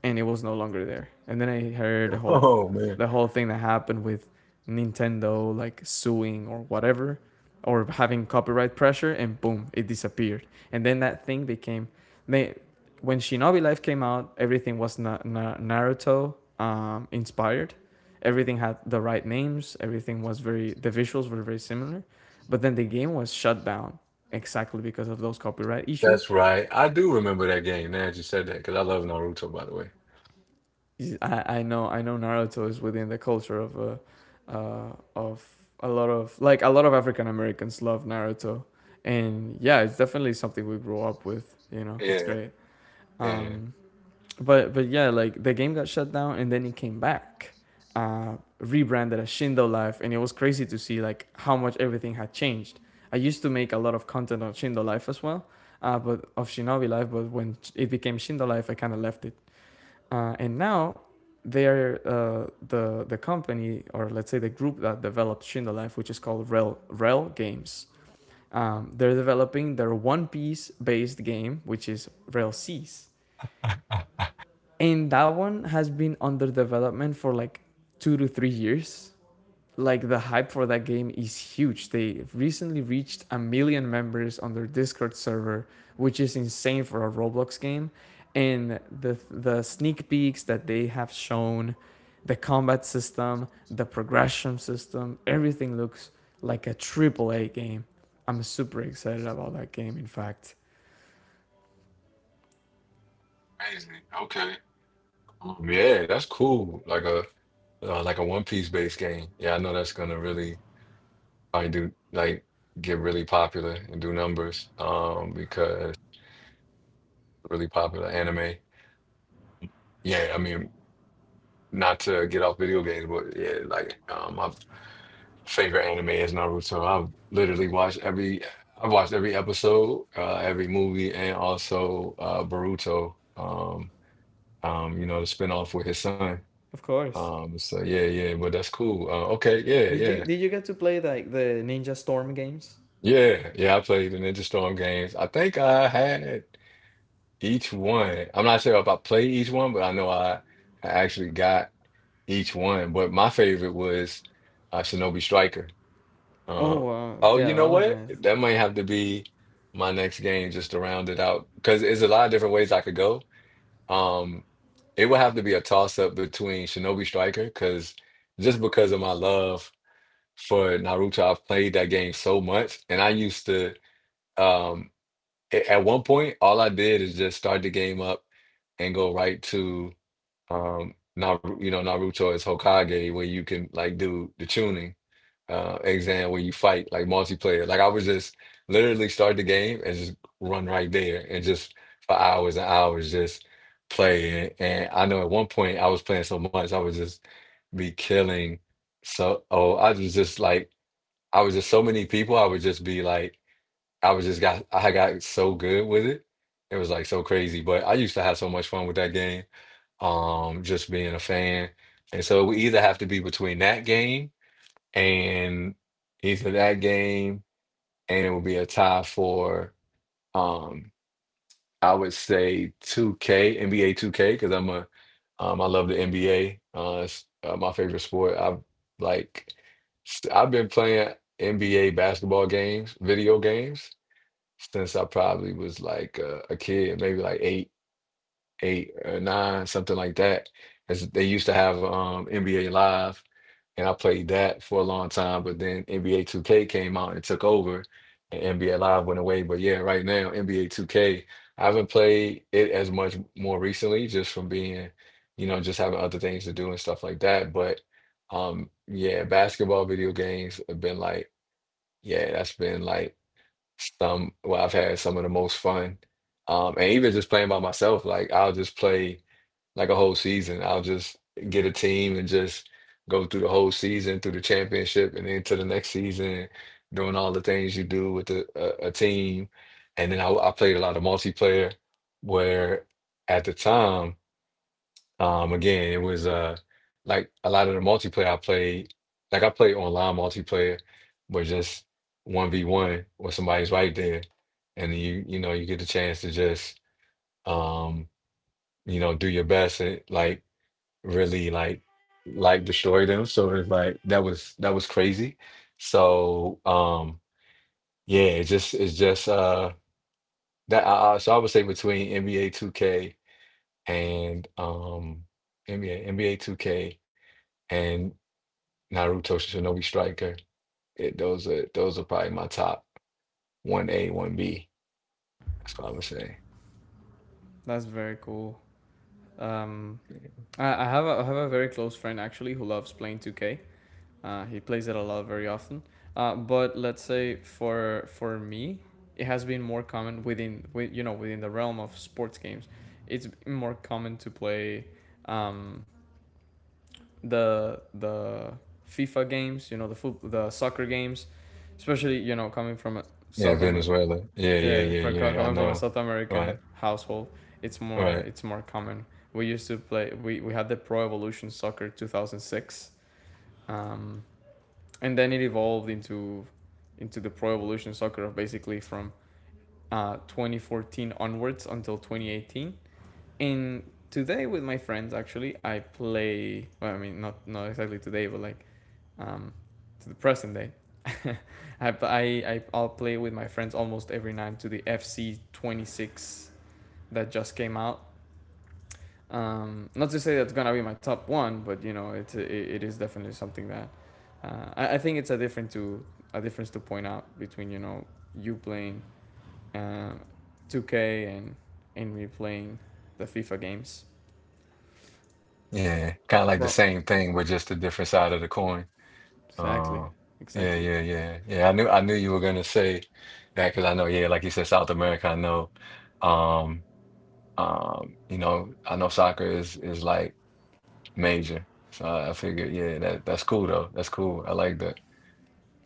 and it was no longer there. And then I heard Oh man. the whole thing that happened with Nintendo, like suing or whatever, or having copyright pressure, and boom, it disappeared. And then that thing became, they when Shinobi Life came out, everything was Naruto inspired. Everything had the right names. Everything was very, the visuals were very similar, but then the game was shut down exactly because of those copyright That's issues. right. I do remember that game now that you said that, because I love Naruto, by the way. I know, I know Naruto is within the culture of a lot of, like, a lot of African Americans love Naruto, and yeah, it's definitely something we grew up with. You know, it's Yeah, great. yeah. Um, but yeah, like the game got shut down and then it came back, rebranded as Shindo Life, and it was crazy to see like how much everything had changed. I used to make a lot of content on Shindo Life as well, but of Shinobi Life. But when it became Shindo Life, I kind of left it. And now they're, the company, or let's say the group that developed Shindo Life, which is called Rel Games. They're developing their One Piece based game, which is Rel Seas, and that one has been under development for like 2 to 3 years. Like, the hype for that game is huge. They recently reached a million members on their Discord server, which is insane for a Roblox game. And the sneak peeks that they have shown, the combat system, the progression system, everything looks like a triple a game. I'm super excited about that game. In fact, Amazing. Okay. Yeah, that's cool. Like a One Piece based game. Yeah, I know that's gonna really probably do like get really popular and do numbers. Because really popular anime. Yeah, I mean, not to get off video games, but yeah, like my favorite anime is Naruto. I've watched every episode, every movie, and also Boruto. You know, the spinoff with his son. of course, So yeah, yeah, but that's cool. Okay, yeah, did you yeah, did you get to play like the Ninja Storm games? yeah, yeah. I played the Ninja Storm games. I think I had each one. I'm not sure if I played each one, but I actually got each one. But my favorite was Shinobi Striker. Oh Uh, wow, oh, yeah, you that know was what? nice. That might have to be my next game just to round it out because there's a lot of different ways I could go. Um, it would have to be a toss up between Shinobi Striker because just because of my love for Naruto. I've played that game so much, and I used to um a- at one point all I did is just start the game up and go right to Naru you know Naruto as Hokage where you can like do the tuning exam where you fight like multiplayer. Like I was just literally start the game and just run right there and just for hours and hours just play and I know at one point I was playing so much I was just be killing I was just like I was just so many people. I would just be like, I got so good with it. It was like so crazy. But I used to have so much fun with that game, just being a fan. And so we either have to be between that game and either that game, and it would be a tie for, Um. I would say 2K, NBA 2K, because I love the NBA. It's my favorite sport. Like, I've been playing NBA basketball games, video games, since I probably was like a kid, maybe like eight, eight or nine, something like that. As they used to have NBA Live and I played that for a long time. But then NBA 2K came out and took over, and NBA Live went away. But yeah, right now NBA 2K, I haven't played it as much more recently, just from being, you know, just having other things to do and stuff like that. But yeah, basketball video games have been like, yeah, that's been like some. Well, I've had some of the most fun, and even just playing by myself, like I'll just play like a whole season. I'll just get a team and just go through the whole season, through the championship, and then to the next season, doing all the things you do with a team. And then I played a lot of multiplayer, where at the time, again, it was like a lot of the multiplayer I played, like I played online multiplayer, but just one v one where somebody's right there, and you know you get the chance to just um you know do your best and like really like destroy them. So it's like that was crazy. So um yeah, it's just that I- so I would say between NBA 2K and NBA 2K and Naruto Shinobi Striker, those are probably my top one A one B. That's what I would say. That's very cool. Um, I have a, I have a very close friend actually who loves playing two K. He plays it a lot, very often. But let's say for me, it has been more common within, with, you know, within the realm of sports games, it's more common to play, um, the FIFA games, you know, the foot, the soccer games, especially, you know, coming from a Yeah, South Amer- Venezuela. Yeah, yeah, Yeah, yeah, for yeah. I coming from a know. South Right, American household, it's more, right. it's more common. We used to play. We had the Pro Evolution Soccer 2006, um, and then it evolved into the Pro Evolution Soccer of basically from 2014 onwards until 2018. And today with my friends, actually, I play. Well, I mean, not, not exactly today, but like, um, to the present day. I'll play with my friends almost every night to the FC 26 that just came out. Not to say that's gonna be my top one, but you know, it's, it is definitely something that, I think it's a different to, a difference to point out between, you know, you playing uh, 2K and me playing the FIFA games. Yeah, kind of like the For same thing, but just a different side of the coin. exactly, Uh, yeah, exactly, yeah, yeah, yeah. I knew you were gonna say that because I know, yeah, like you said, South America. Um, you know, I know soccer is like major. So I figured, yeah, that that's cool though. That's cool. I like that.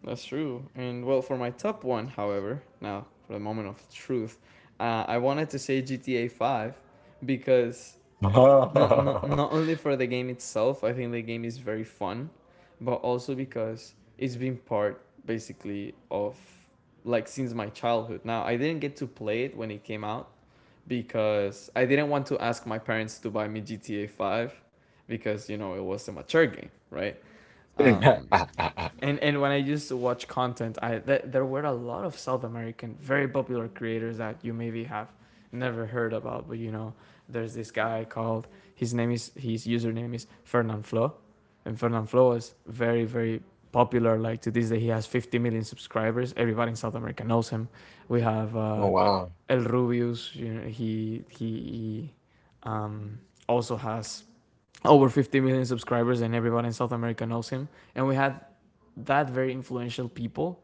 that's true. And well, for my top one, however, now for the moment of truth, I wanted to say GTA Five because, not only for the game itself, I think the game is very fun, but also because it's been part basically of, like, since my childhood. Now, I didn't get to play it when it came out because I didn't want to ask my parents to buy me GTA Five because, you know, it was a mature game, right? Um, and when I used to watch content, there were a lot of South American very popular creators that you maybe have never heard about, but you know, there's this guy called, his username is Fernand Flo, and Fernand Flo is very, very popular. Like, to this day, he has 50 million subscribers. Everybody in South America knows him. We have, Oh wow. El Rubius. You know, he um, also has over 50 million subscribers, and everybody in South America knows him. And we had that, very influential people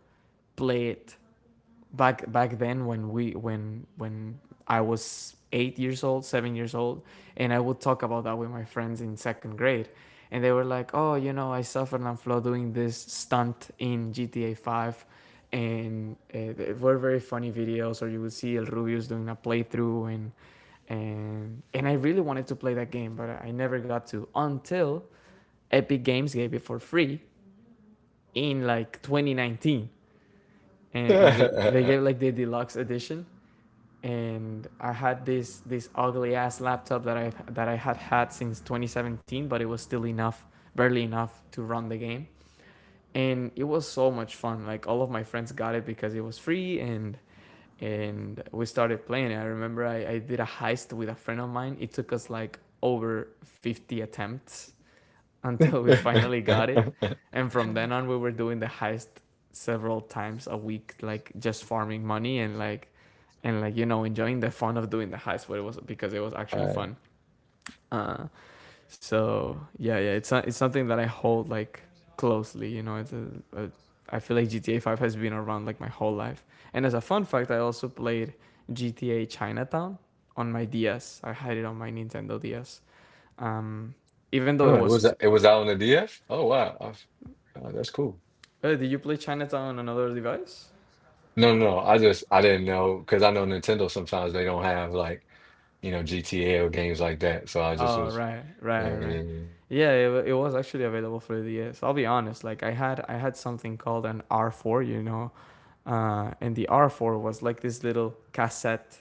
play it back then, when we, when I was 8 years old, 7 years old, and I would talk about that with my friends in second grade. And they were like, "Oh, you know, I saw Fernand Flo doing this stunt in GTA Five," and they were very funny videos, or you would see El Rubius doing a playthrough, and and I really wanted to play that game, but I never got to until Epic Games gave it for free in like 2019. And they Alright. gave like the deluxe edition. And I had this, this ugly ass laptop that I had had since 2017, but it was still enough, barely enough to run the game. And it was so much fun. Like, all of my friends got it because it was free, and we started playing. I did a heist with a friend of mine. It took us like over 50 attempts until we finally got it. And from then on, we were doing the heist several times a week, like just farming money, and like, and like, you know, enjoying the fun of doing the heist. But it was because it was actually fun. Uh, so yeah, yeah, it's something that I hold, like, closely. You know, it's a, I feel like GTA Five has been around, like, my whole life. And as a fun fact, I also played GTA Chinatown on my DS. I had it on my Nintendo DS. Um, Even though it Oh, was, it was out on the DF? Oh wow. That's cool. Oh, did you play Chinatown on another device? No, I just I didn't know because I know Nintendo sometimes they don't have like. You know, GTA or games like that. So I just Oh, was, right, right, right. mm. Yeah, it was actually available for the DS. I'll be honest, like, I had something called an R4, you know, and the R4 was like this little cassette,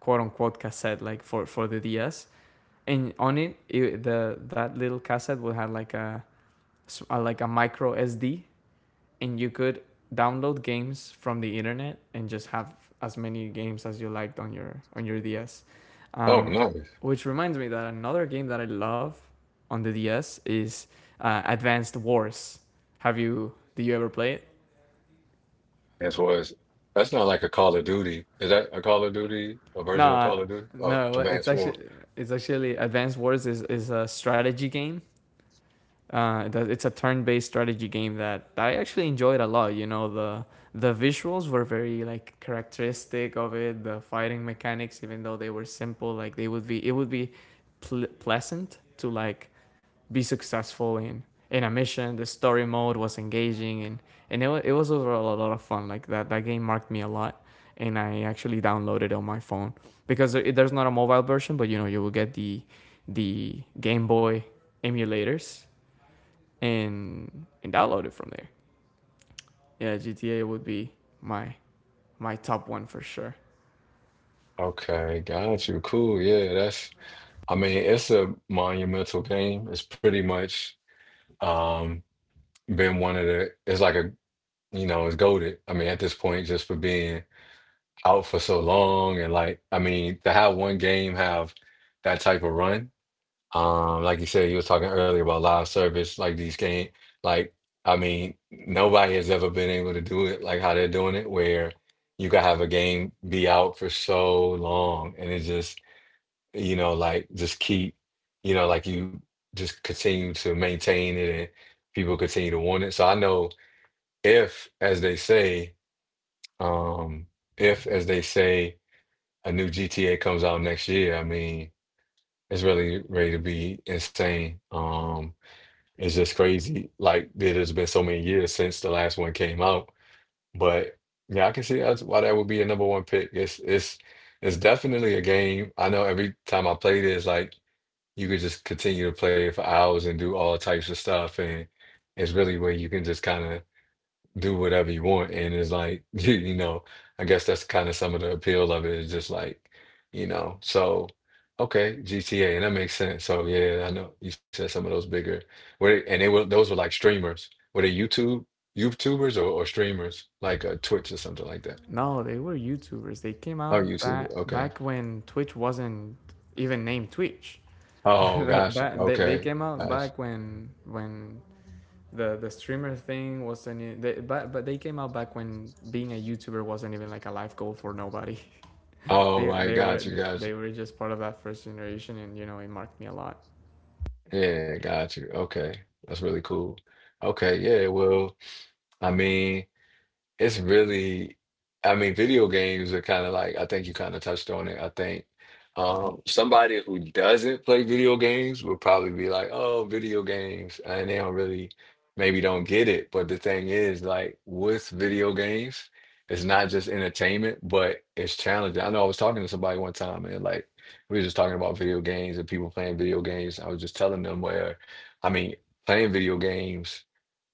quote unquote cassette, like for the DS. And on it, it the that little cassette would have like a like a micro SD, and you could download games from the internet and just have as many games as you liked on your DS. Oh Um, no, which reminds me that another game that I love on the DS is Advanced Wars. Have you? Did you ever play it? as well as that's not like a Call of Duty. Is that a Call of Duty, a version of No, Call of Duty? Oh, no. It's Advanced War. actually it's actually Advanced Wars is a strategy game. It's a turn-based strategy game that I actually enjoyed a lot. You know, the visuals were very like characteristic of it. The fighting mechanics, even though they were simple, like they would be, it would be pleasant to like be successful in a mission. The story mode was engaging, and it was overall a lot of fun. Like that game marked me a lot, and I actually downloaded it on my phone because there's not a mobile version, but you know you will get the Game Boy emulators and download it from there. Yeah, GTA would be my my top one for sure. Okay, got you. Cool. Yeah, that's. I mean, it's a monumental game. It's pretty much um been one of the. It's like a you know, it's goaded. I mean, at this point, just for being out for so long and like, I mean, to have one game have that type of run. Like you said, you was talking earlier about live service, like these game, like I mean, nobody has ever been able to do it like how they're doing it, where you can have a game be out for so long and it just, you know, like just keep, you know, like you just continue to maintain it and people continue to want it. So I know if, as they say, um, if, as they say, a new GTA comes out next year, I mean, it's really ready to be insane. It's just crazy. Like it has been so many years since the last one came out, but yeah, I can see that's why that would be a number one pick. It's definitely a game. I know every time I played it, it's like you could just continue to play it for hours and do all types of stuff, and it's really where you can just kind of do whatever you want. And it's like, you know, I guess that's kind of some of the appeal of it is just like, you know, so okay, GTA, and that makes sense. So yeah, I know you said some of those bigger where and they were those were like streamers. Were they YouTubers or streamers? Like Twitch or something like that. No, they were YouTubers. They came Oh, out YouTube. back Okay. back when Twitch wasn't even named Twitch. Oh, gotcha. Back, they Okay. came out Gotcha. back when the streamer thing wasn't I- they, but they came out back when being a YouTuber wasn't even like a life goal for nobody. All They right, they were gotcha, gotcha. they were just part of that first generation, and you know it marked me a lot. Yeah, gotcha. Okay. That's really cool. Okay, yeah, well, I mean it's really, I mean, video games are kind of like, I think you kind of touched on it. I think somebody who doesn't play video games will probably be like, oh, video games. And they don't really, maybe don't get it. But the thing is, like, with video games, it's not just entertainment, but it's challenging. I know I was talking to somebody one time and like, we were just talking about video games and people playing video games. I was just telling them where, I mean, playing video games.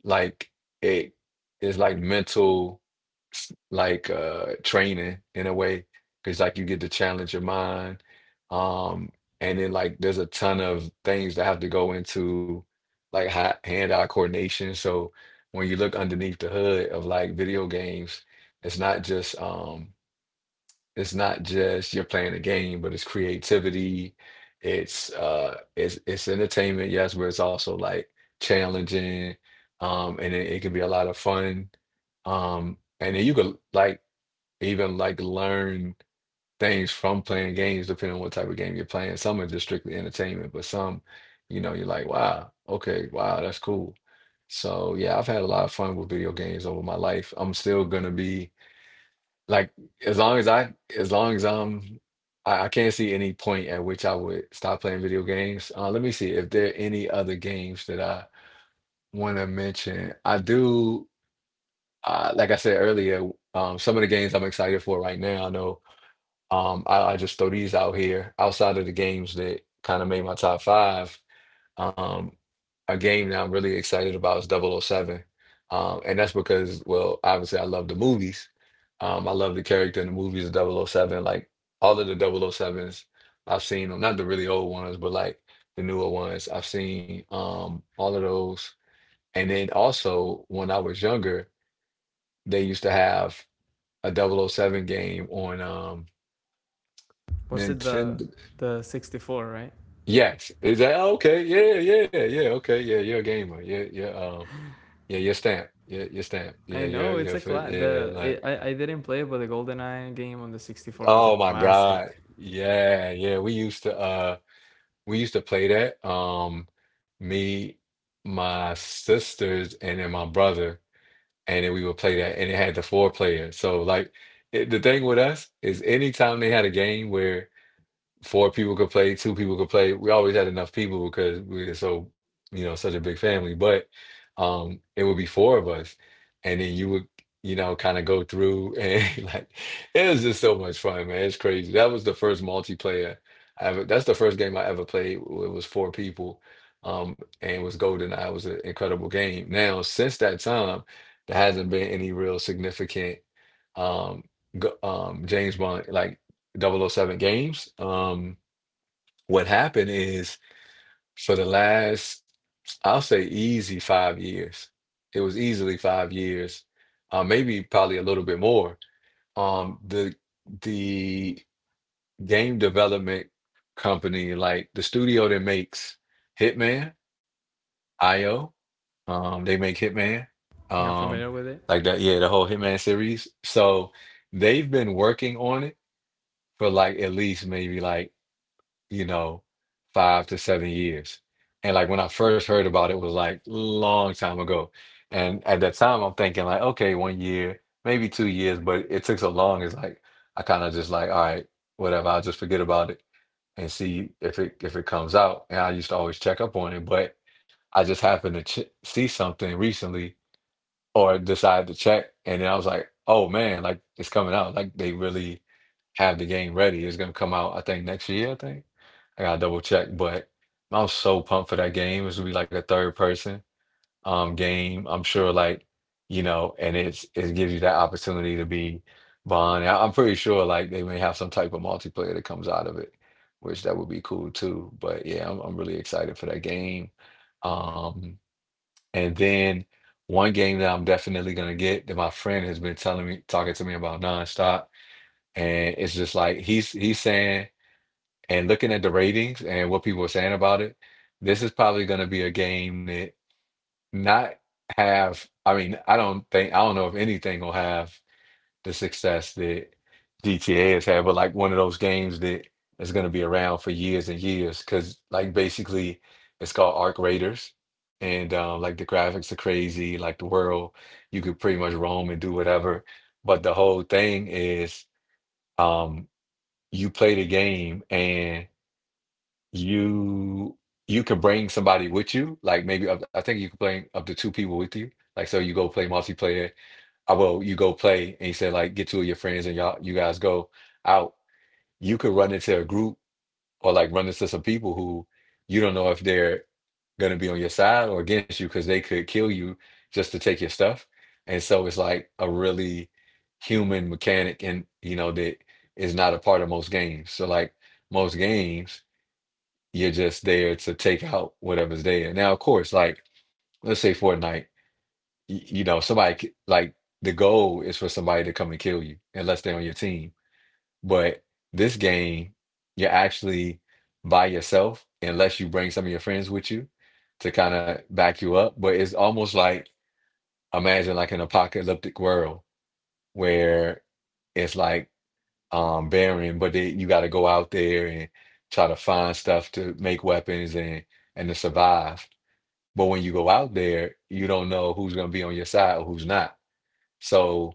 Like it is like mental, like training in a way because like you get to challenge your mind, um and then like there's a ton of things that have to go into, like hand-eye coordination. So when you look underneath the hood of like video games, it's not just, it's not just you're playing a game, but it's creativity. It's entertainment, yes, but it's also like challenging. And it can be a lot of fun. And then you could like even like learn things from playing games depending on what type of game you're playing. Some are just strictly entertainment, but some, you know, you're like, wow, okay, wow, that's cool. So yeah, I've had a lot of fun with video games over my life. I'm still gonna be like as long as as long as I can't see any point at which I would stop playing video games. Let me see if there are any other games that I want to mention. I do, like I said earlier, some of the games I'm excited for right now. I know, I just throw these out here outside of the games that kind of made my top five. Um, a game that I'm really excited about is Double O Seven. And that's because, well, obviously I love the movies. I love the character in the movies of Double O Seven. Like all of the Double 7s, I've seen them, not the really old ones, but like the newer ones. I've seen all of those. And then also when I was younger, they used to have a Double O Seven game on, Was it Nintendo. the 64, right? Yes. Is that okay? Yeah, yeah, yeah. Okay. Yeah, you're a gamer. Yeah, yeah. Yeah, stamped. Yeah, I you're. Yeah, know it's your a fit. cla Yeah, the like, it, I didn't play it, but the GoldenEye game on the 64 was a oh my classic. God. Yeah, yeah. We used to, we used to play that. Me, my sisters, and then my brother, and then we would play that and it had the four player. So like, it, the thing with us is anytime they had a game where four people could play, two people could play, we always had enough people because we are so, you know, such a big family. But it would be four of us. And then you would, you know, kind of go through and like, it was just so much fun, man. It's crazy. That was the first multiplayer I ever That's the first game I ever played. It was four people. And it was GoldenEye. It was an incredible game. Now, since that time, there hasn't been any real significant um James Bond like Double O Seven games. What happened is, for the last, I'll say easy five years, it was easily five years, maybe probably a little bit more. Um, the the game development company, like the studio that makes Hitman, IO, they make Hitman, Yeah, I'm um, familiar with it. like that, yeah, the whole Hitman series. So they've been working on it for like at least maybe like, you know, five to seven years. And like when I first heard about it was like long time ago. And at that time I'm thinking like, okay, one year, maybe two years, but it took so long, it's like I kind of just like, all right, whatever, I'll just forget about it and see if it comes out. And I used to always check up on it, but I just happened to ch see something recently or decide to check. And then I was like, oh man, like it's coming out. Like they really have the game ready. It's gonna come out, I think, next year, I think. I gotta double check. But I'm so pumped for that game. It's gonna be like a third person game. I'm sure, like, you know, and it gives you that opportunity to be Bond. And I'm pretty sure like they may have some type of multiplayer that comes out of it, which that would be cool too. But yeah, I'm really excited for that game. Um. And then one game that I'm definitely gonna get that my friend has been telling me, talking to me about nonstop, and it's just like he's saying and looking at the ratings and what people are saying about it, this is probably gonna be a game that not have. I mean, I don't know if anything will have the success that GTA has had, but like one of those games that is going to be around for years and years. Because like basically, it's called Arc Raiders, and like the graphics are crazy. Like the world, you could pretty much roam and do whatever. But the whole thing is, um, you play the game and you you can bring somebody with you. Like maybe, I think you can bring up to two people with you. Like so, you go play multiplayer. I will, you go play, and you say like get two of your friends and y'all you guys go out, you could run into a group or like run into some people who you don't know if they're gonna be on your side or against you, because they could kill you just to take your stuff. And so it's like a really human mechanic, and you know that is not a part of most games. So like most games, you're just there to take out whatever's there. Now, of course, like let's say Fortnite, you know, somebody c- like the goal is for somebody to come and kill you unless they're on your team. But this game, you're actually by yourself unless you bring some of your friends with you to kind of back you up. But it's almost like imagine like an apocalyptic world where it's like barren, but then you got to go out there and try to find stuff to make weapons and to survive. But when you go out there, you don't know who's going to be on your side or who's not. So,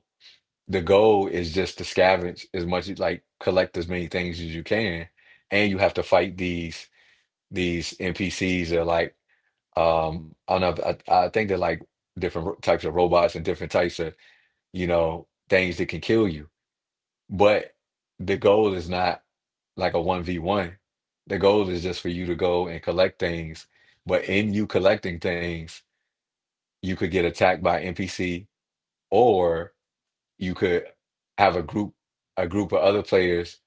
the goal is just to scavenge, as much as like collect as many things as you can, and you have to fight these NPCs or like, I don't know, I think they're like different types of robots and different types of, you know, things that can kill you. But the goal is not like a one v one. The goal is just for you to go and collect things. But in you collecting things, you could get attacked by NPC, or you could have a group of other players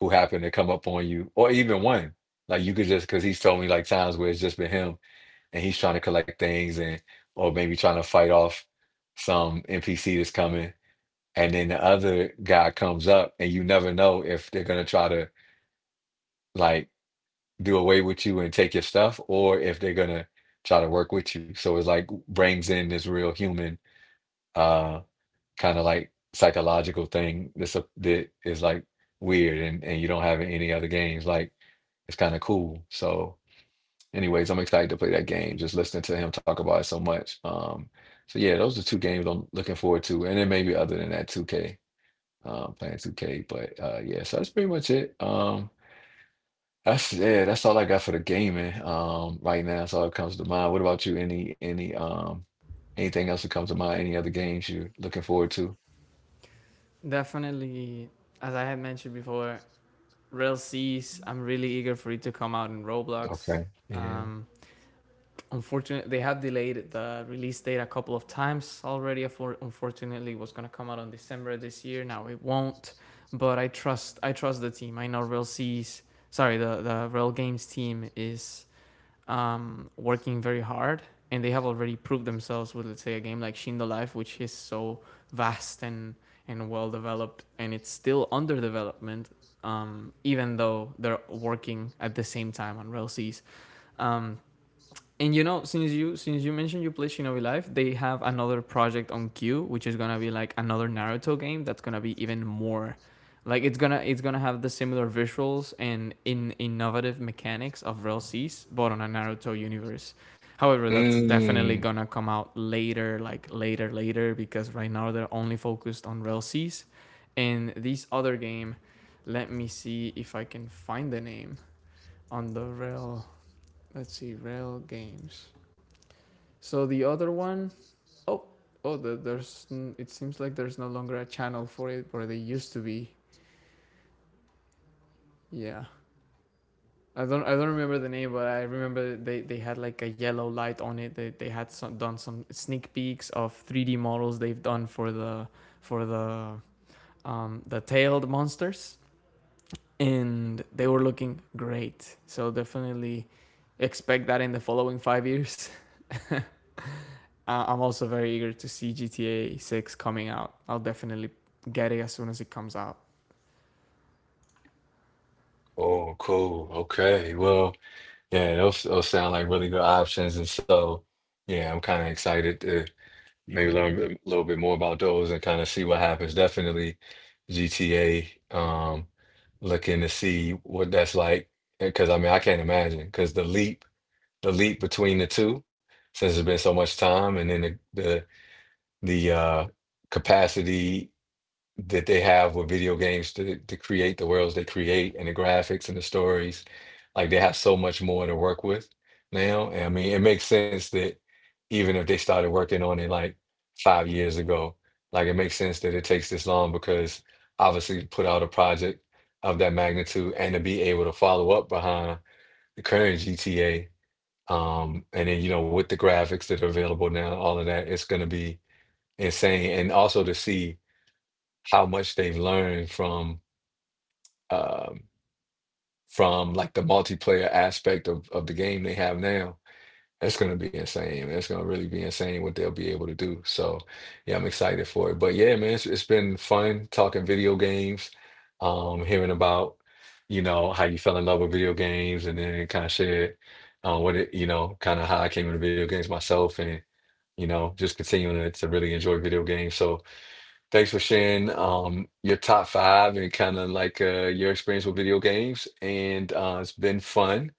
who happen to come up on you, or even one, like you could just, because he's told me like times where it's just been him and he's trying to collect things, and or maybe trying to fight off some NPC that's coming, and then the other guy comes up and you never know if they're gonna try to like do away with you and take your stuff or if they're gonna try to work with you. So it's like brings in this real human, um kind of like psychological thing that's that is like weird, and you don't have in any other games. Like, it's kind of cool. So, anyways, I'm excited to play that game. Just listening to him talk about it so much. So yeah, those are two games I'm looking forward to, and then maybe other than that, 2K, playing 2K. But yeah, so that's pretty much it. That's yeah, that's all I got for the gaming, right now. That's all that comes to mind. What about you? Any anything else that comes to mind? Any other games you're looking forward to? Definitely, as I had mentioned before, Rail C's, I'm really eager for it to come out in Roblox. Okay, yeah. Um, Unfortunately, they have delayed the release date a couple of times already. For unfortunately, it was gonna come out on December this year. Now it won't, but I trust the team. I know Rail C's, sorry, the Rail Games team is working very hard, and they have already proved themselves with let's say a game like Shindo Life, which is so vast and well developed, and it's still under development, even though they're working at the same time on RailCs. Um, and you know, since you mentioned you play Shinobi Life, they have another project on queue, which is gonna be like another Naruto game that's gonna be even more, like it's gonna have the similar visuals and in innovative mechanics of Real Cs, but on a Naruto universe. However, that's definitely Mm. gonna come out later, like later, later, because right now they're only focused on Real Cs and this other game. Let me see if I can find the name on the rail. Let's see, rail games. So the other one, oh, oh, the, there's. It seems like there's no longer a channel for it where they used to be. Yeah, I don't. I don't remember the name, but I remember they had like a yellow light on it. They had some, done some sneak peeks of 3D models they've done for the tailed monsters, and they were looking great. So definitely expect that in the following 5 years. I'm also very eager to see GTA 6 coming out. I'll definitely get it as soon as it comes out. Oh, cool. Okay. Well, yeah, those sound like really good options. And so, yeah, I'm kind of excited to maybe learn a little bit more about those and kind of see what happens. Definitely GTA, looking to see what that's like. Because I mean, I can't imagine, because the leap between the two, since it's been so much time, and then the capacity that they have with video games to create the worlds they create and the graphics and the stories. Like they have so much more to work with now. And I mean, it makes sense that even if they started working on it like five years ago, like it makes sense that it takes this long because obviously to put out a project of that magnitude and to be able to follow up behind the current GTA. And then, you know, with the graphics that are available now, all of that, it's gonna be insane. And also to see how much they've learned from, um, from like the multiplayer aspect of the game they have now. That's going to be insane, man. It's going to really be insane what they'll be able to do. So, yeah, I'm excited for it. But yeah, man, it's been fun talking video games, hearing about, you know, how you fell in love with video games and then kind of shared, what it, you know, kind of how I came into video games myself, and, you know, just continuing to really enjoy video games. So, thanks for sharing, your top five, and kind of like, your experience with video games. And it's been fun.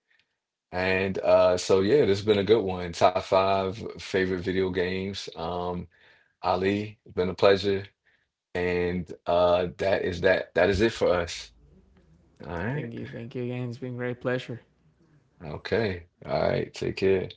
And so, yeah, this has been a good one. Top five favorite video games. Ali, it's been a pleasure. And that is that. That is it for us. All right. Thank you. Thank you again. It's been a great pleasure. Okay. All right. Take care.